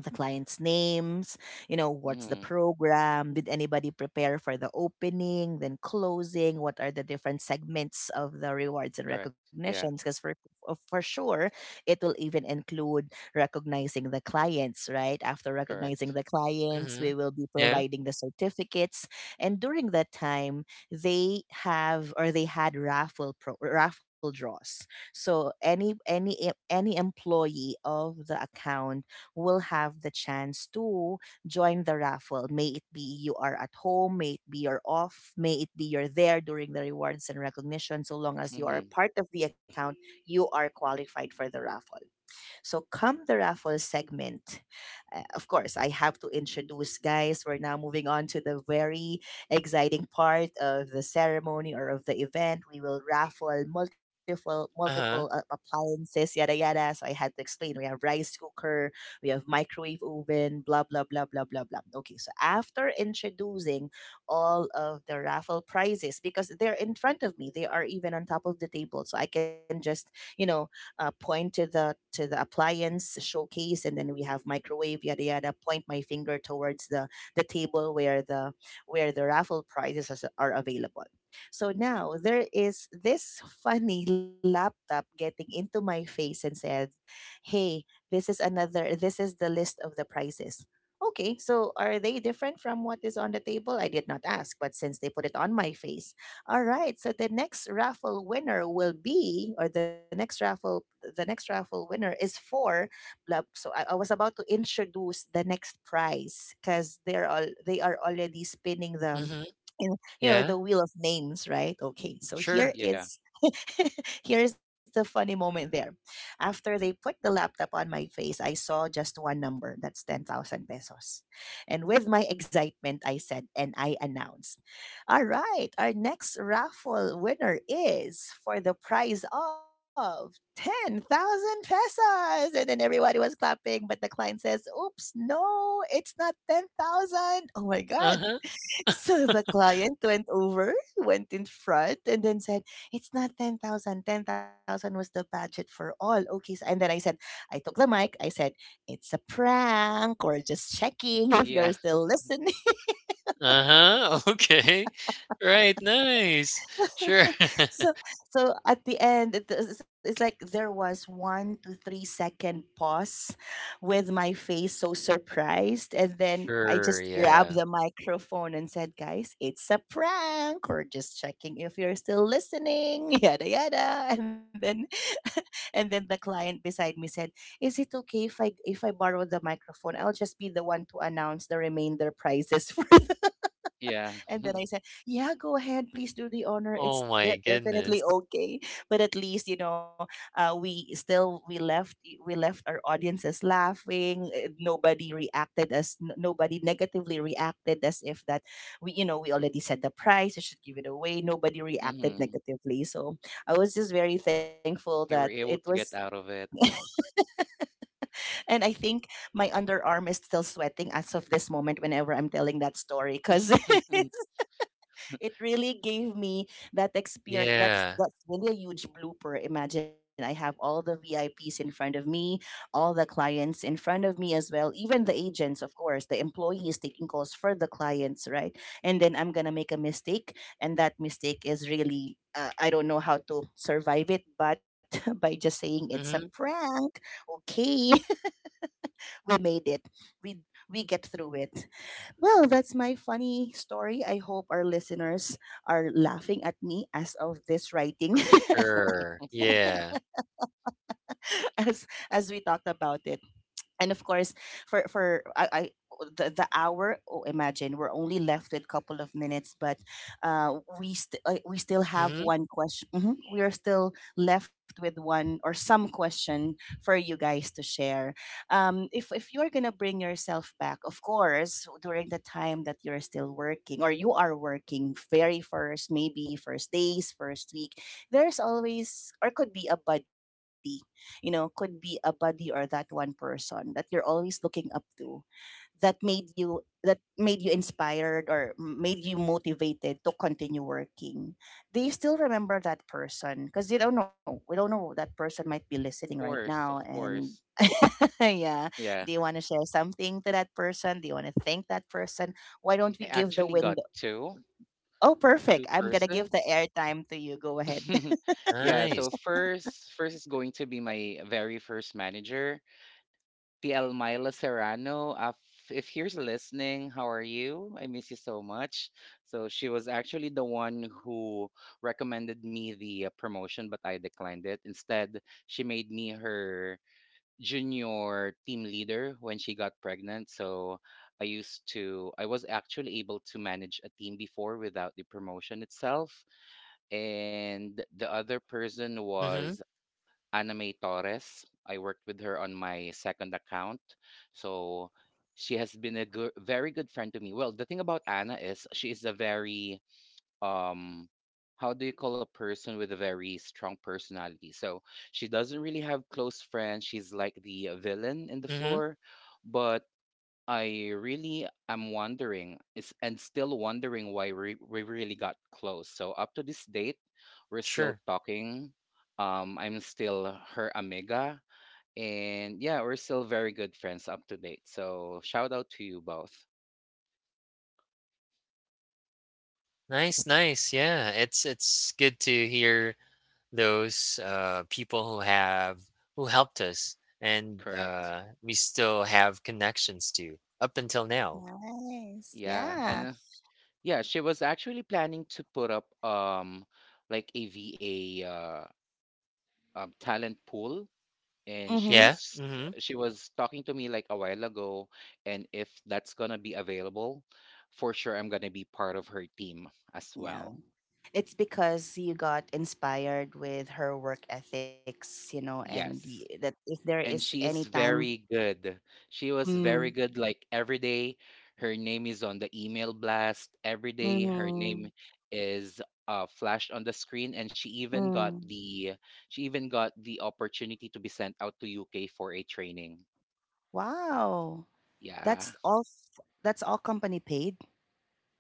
A: the clients' names, you know, what's the
C: Mm.
A: program, did anybody prepare for the opening, then closing, what are the different segments of the rewards and
C: Correct.
A: recognitions,
C: Yeah.
A: because for for sure it will even include recognizing the clients, right? After recognizing
C: Correct.
A: the clients, we
B: Mhm.
A: will be
B: Yeah.
A: providing the certificates, and during that time they have or they had raffle raffle draws. So any any employee of the account will have the chance to join the raffle. May it be you are at home, may it be you're off, may it be you're there during the rewards and recognition. So long as
C: Mm-hmm.
A: you are a part of the account, you are qualified for the raffle. So come the raffle segment. Of course, I have to introduce, guys. We're now moving on to the very exciting part of the ceremony or of the event. We will raffle multiple
B: Uh-huh.
A: appliances, yada yada. So I had to explain. We have rice cooker, we have microwave oven, blah blah blah blah blah blah. Okay, so after introducing all of the raffle prizes, because they're in front of me. They are even on top of the table. So I can just, you know, point to the appliance showcase, and then we have microwave yada yada. Point my finger towards the table where the raffle prizes are available. So now there is this funny laptop getting into my face and said, "Hey, this is another. This is the list of the prizes." Okay, so are they different from what is on the table? I did not ask, but since they put it on my face, all right. So the next raffle winner will be, or the next raffle winner is for. Blah. So I was about to introduce the next prize, because they are already spinning the,
B: Mhm.
A: and you know, the
B: Yeah.
A: wheel of names, right? Okay, so
B: Sure.
A: here
C: Yeah.
A: is here's the funny moment there. After they put the laptop on my face, I saw just one number. That's 10,000 pesos. And with my excitement, I said and I announced, all right, our next raffle winner is for the prize of 10,000 pesos. And then everybody was clapping, but the client says, oops, no, it's not 10,000. Oh my god.
B: Uh-huh.
A: So the client went over, went in front, and then said, it's not 10,000. 10,000 was the budget for all. Okay. So, and then I said, I took the mic. I said, it's a prank, or just checking if you're
C: Yeah.
A: still listening.
B: Uh-huh. Okay. Right. Nice. Sure.
A: so so at the end it's like there was 1 to 3 second pause with my face so surprised, and then I
B: Sure.
A: just grabbed
B: Yeah.
A: the microphone and said, guys, it's a prank, we're just checking if you're still listening yada yada. And then and then the client beside me said, is it okay if I borrow the microphone? I'll just be the one to announce the remainder prizes for.
C: Yeah.
A: And then I said, "Yeah, go ahead, please do the honor.
B: Oh
A: It's
B: my
A: definitely
B: goodness.
A: okay." But at least, you know, we still we left our audiences laughing. Nobody reacted as nobody negatively reacted as if that we, you know, we already set the price. You should give it away. Nobody reacted
C: Mm-hmm.
A: negatively. So I was just very thankful that
C: You were
A: it
C: able
A: was.
C: to get out of it.
A: And I think my underarm is still sweating as of this moment whenever I'm telling that story, because it really gave me that experience. That's
B: Yeah.
A: that's really a huge blooper. Imagine I have all the VIPs in front of me, all the clients in front of me as well, even the agents, of course, the employees taking calls for the clients, right? And then I'm gonna make a mistake, and that mistake is really. I don't know how to survive it, but by just saying it's a
B: Mhm.
A: prank, okay, we made it. We get through it. Well, that's my funny story. I hope our listeners are laughing at me as of this writing
B: For sure.
C: Of
B: Yeah.
A: as we talked about it. And of course, for I the hour, oh, imagine we're only left with a couple of minutes, but we still have
B: Mhm.
A: one question. Mhm. We are still left with one or some question for you guys to share. If you're gonna bring yourself back, of course, during the time that you're still working or you are working very first, maybe first days, first week, there's always or could be a buddy, you know, could be a buddy or that one person that you're always looking up to, that made you, that made you inspired or made you motivated to continue working. Do you still remember that person? Because you don't know, we don't know, that person might be listening right
C: course,
A: now.
C: of
A: And
C: course.
A: yeah.
C: Yeah.
A: Do you want to share something to that person? Do you want to thank that person? Why don't we
C: I
A: give the
C: actually
A: window?
C: got two,
A: Oh, perfect.
C: two
A: I'm going to give the
C: persons.
A: airtime to you. Go ahead.
C: Yeah, so
B: Nice.
C: first is going to be my very first manager. TL Myla Serrano. If you're listening, how are you? I miss you so much. So she was actually the one who recommended me the promotion, but I declined it. Instead, she made me her junior team leader when she got pregnant. So I was actually able to manage a team before without the promotion itself. And the other person
B: Mhm.
C: was Ana May Torres. I worked with her on my second account. So she has been a good, very good friend to me. Well, the thing about Anna is she is a very um how do you call a person with a very strong personality? So she doesn't really have close friends. She's like the villain in the
B: Mhm.
C: floor, but I really am wondering is and still wondering why we really got close. So up to this date, we're still
B: Sure.
C: talking. I'm still her amiga, and yeah, we're still very good friends up to date. So shout out to you both.
B: Nice, nice. Yeah, it's good to hear those people who have who helped us, and
C: Correct.
B: we still have connections to up until now.
A: Nice.
C: Yeah,
A: Yeah.
C: and yeah, she was actually planning to put up like a VA talent pool, and
A: Mm-hmm.
B: Yeah. Mm-hmm.
C: she was talking to me like a while ago, and if that's gonna be available, for sure I'm gonna be part of her team as
A: Yeah.
C: well.
A: It's because you got inspired with her work ethics, you know, and the, that
C: Yes,
A: if there is
C: and
A: any
C: she's
A: time.
C: very good. She was
A: Mm,
C: very good, like every day her name is on the email blast, every day her
A: mm,
C: name is flashed on the screen, and
A: mm.
C: she even got the opportunity to be sent out to UK for a training,
A: Wow.
C: yeah.
A: That's all that's all company paid.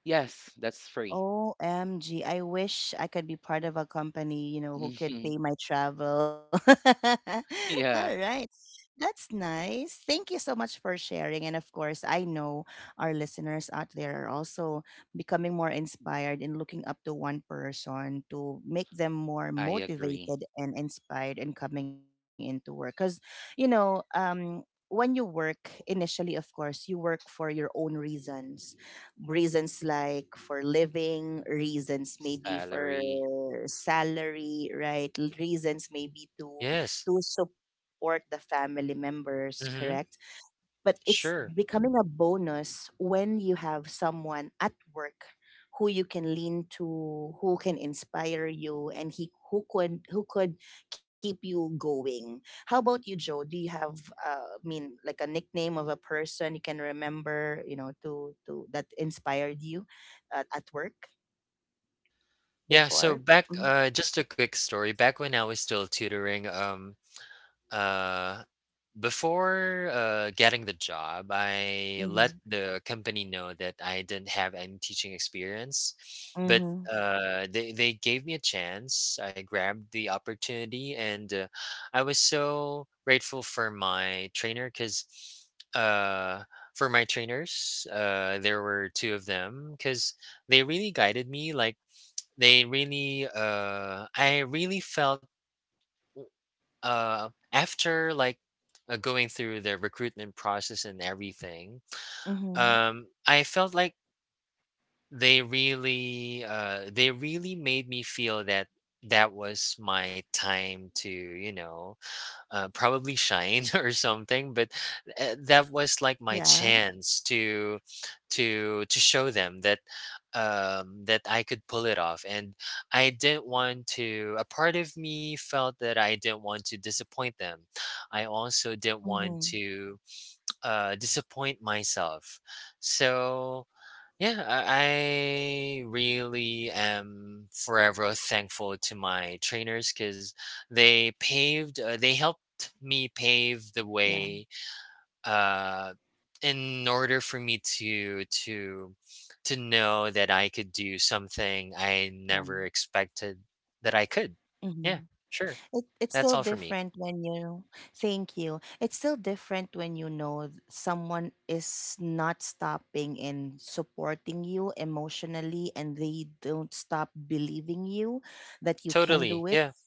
C: Yes, that's free.
A: OMG. I wish I could be part of a company, you know, who could pay my travel.
C: Yeah,
A: All right. That's nice. Thank you so much for sharing. And of course, I know our listeners out there are also becoming more inspired and looking up to one person to make them more
C: I agree.
A: motivated and inspired in coming into work. Because, you know, when you work initially, of course, you work for your own reasons, like for living reasons, maybe for
C: Salary.
A: salary, right, reasons maybe to
B: Yes.
A: support the family members, correct,
B: Mm-hmm.
A: but it's
B: Sure.
A: becoming a bonus when you have someone at work who you can lean to, who can inspire you, and he who could keep you going. How about you, Joe? Do you have I mean, like a nickname of a person you can remember, you know, to that inspired you at work
B: Yeah. So
A: before?
B: back,
A: Mm-hmm.
B: just a quick story. Back when I was still tutoring, Uh, before getting the job, I let
A: Mm-hmm.
B: the company know that I didn't have any teaching experience, but they gave me a chance. I grabbed the opportunity, and I was so grateful for my trainer because uh, for my trainers, there were two of them because they really guided me. Like I really felt. After like going through the recruitment process and everything,
A: Mm-hmm.
B: I felt like they really made me feel that that was my time to, you know, probably shine or something. But that was
A: Yeah.
B: like my chance to show them that that I could pull it off. And I didn't want to. A part of me felt that I didn't want to disappoint them. I also didn't
A: Mm-hmm.
B: want to disappoint myself. So yeah, I really am forever thankful to my trainers because they helped me pave the
A: Yeah.
B: way uh, in order for me to know that I could do something I
A: Yeah.
B: never expected that I could. Yeah,
A: Mm-hmm.
B: sure.
A: It's
B: That's all
A: still
B: for me.
A: different when you, thank you. It's still different when you know someone is not stopping in supporting you emotionally, and they don't stop believing you that you can
B: Totally.
A: do
B: Yeah.
A: it.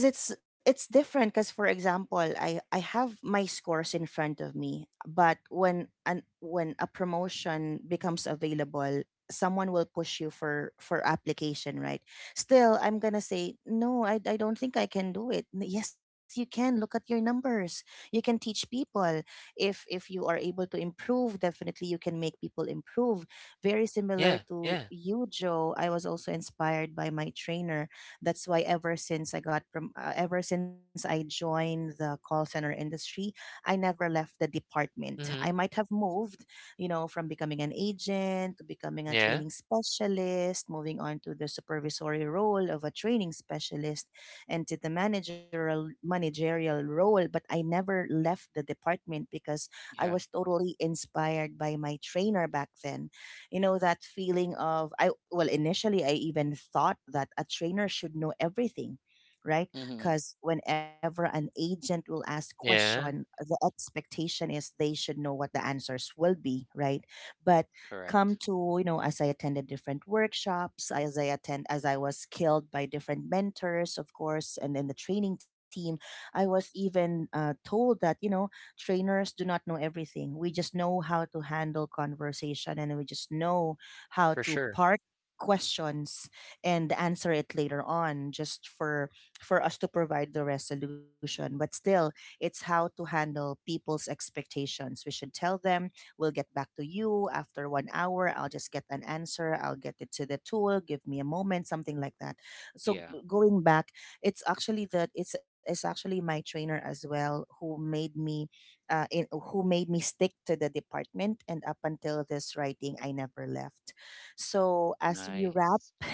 A: Cause it's different. Cause for example, I have my scores in front of me, but when an, when a promotion becomes available, someone will push you for application, right? Still, I'm gonna say no. I don't think I can do it. Yes, you can. Look at your numbers. You can teach people. If you are able to improve, definitely you can make people improve. Very similar
B: Yeah.
A: to
B: Yeah.
A: you, Joe. I was also inspired by my trainer. That's why ever since I got from ever since I joined the call center industry, I never left the department. I
B: Mm-hmm.
A: might have moved, you know, from becoming an agent to becoming a
B: Yeah.
A: training specialist, moving on to the supervisory role of a training specialist, and to the managerial role, but I never left the department because
C: Yeah.
A: I was totally inspired by my trainer back then. You know that feeling of I, well, initially I even thought that a trainer should know everything, right?
C: Hmm.
A: Because whenever an agent will ask question,
B: Yeah.
A: the expectation is they should know what the answers will be, right? But come
C: Correct.
A: to, you know, as I attended different workshops, as I attend, as I was skilled by different mentors, of course, and then the training team, I was even told that, you know, trainers do not know everything. We just know how to handle conversation, and we just know how
B: For
A: to
B: sure.
A: park questions and answer it later on just for us to provide the resolution. But still, it's how to handle people's expectations. We should tell them, we'll get back to you after 1 hour, I'll just get an answer, I'll get it to the tool, give me a moment, something like that. So
C: Yeah.
A: going back, it's actually that it's actually my trainer as well who made me who made me stick to the department. And up until this writing, I never left. So, as we wrap,
C: Nice.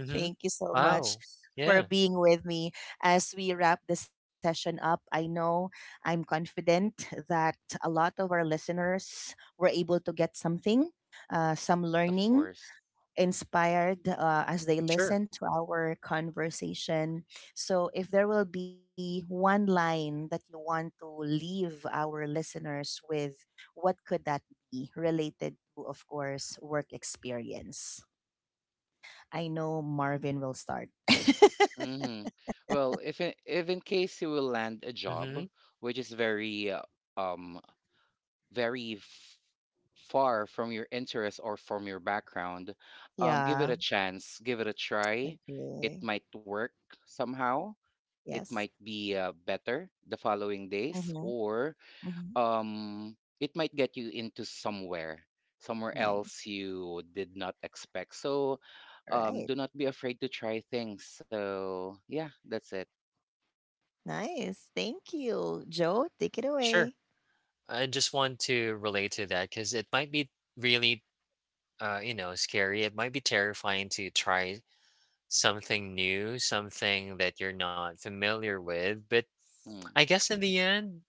B: Mm-hmm.
A: thank you so much
B: Wow.
A: for
B: Yeah.
A: being with me. As we wrap the session up, I know I'm confident that a lot of our listeners were able to get something, some
C: Of
A: learning,
C: course.
A: inspired as they
B: Sure.
A: listen to our conversation. So, if there will be one line that you want to leave our listeners with, what could that be related to, of course, work experience? I know Marvin will start.
C: Hmm. Well, if in case you will land a
B: Mm-hmm.
C: job which is um very far from your interest or from your background, give it
A: Yeah.
C: a chance, give it a try. It
A: Okay.
C: might work somehow. It might
A: Yes.
C: be better the following
A: Mm-hmm.
C: days, or
A: Mm-hmm.
C: um it might get you into somewhere
A: Nice.
C: else you did not expect. So
A: All right.
C: do not be afraid to try things, so yeah, that's it.
A: Nice. Thank you. Joe, take it away.
B: Sure. I just want to relate to that because it might be really, you know, scary. It might be terrifying to try something new, something that you're not familiar with. But
C: Mm,
B: I guess in the end,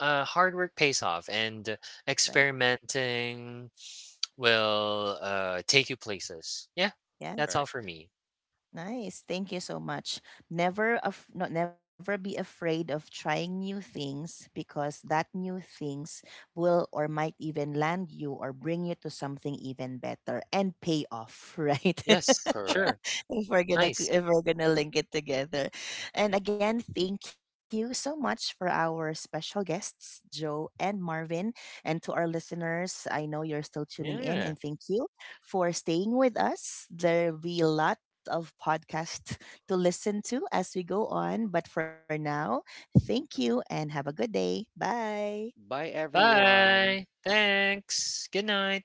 B: hard work pays off, and
A: Right.
B: experimenting will take you places. Yeah, that's
A: Yes.
B: all for
C: correct.
B: me.
A: Nice. Thank you so much. Never af- Not never be afraid of trying new things, because that new things will or might even land you or bring you to something even better and pay off, right?
B: Yes, sure.
C: Correct.
A: If we're gonna
B: Nice.
A: if we're gonna link it together. And again, thank you so much for our special guests, Joe and Marvin. And to our listeners, I know you're still tuning in, and
B: Yeah.
A: thank you for staying with us. There'll be a lot of podcasts to listen to as we go on. But for now, thank you and have a good day. Bye!
C: Bye everyone.
B: Bye. Thanks. Good night.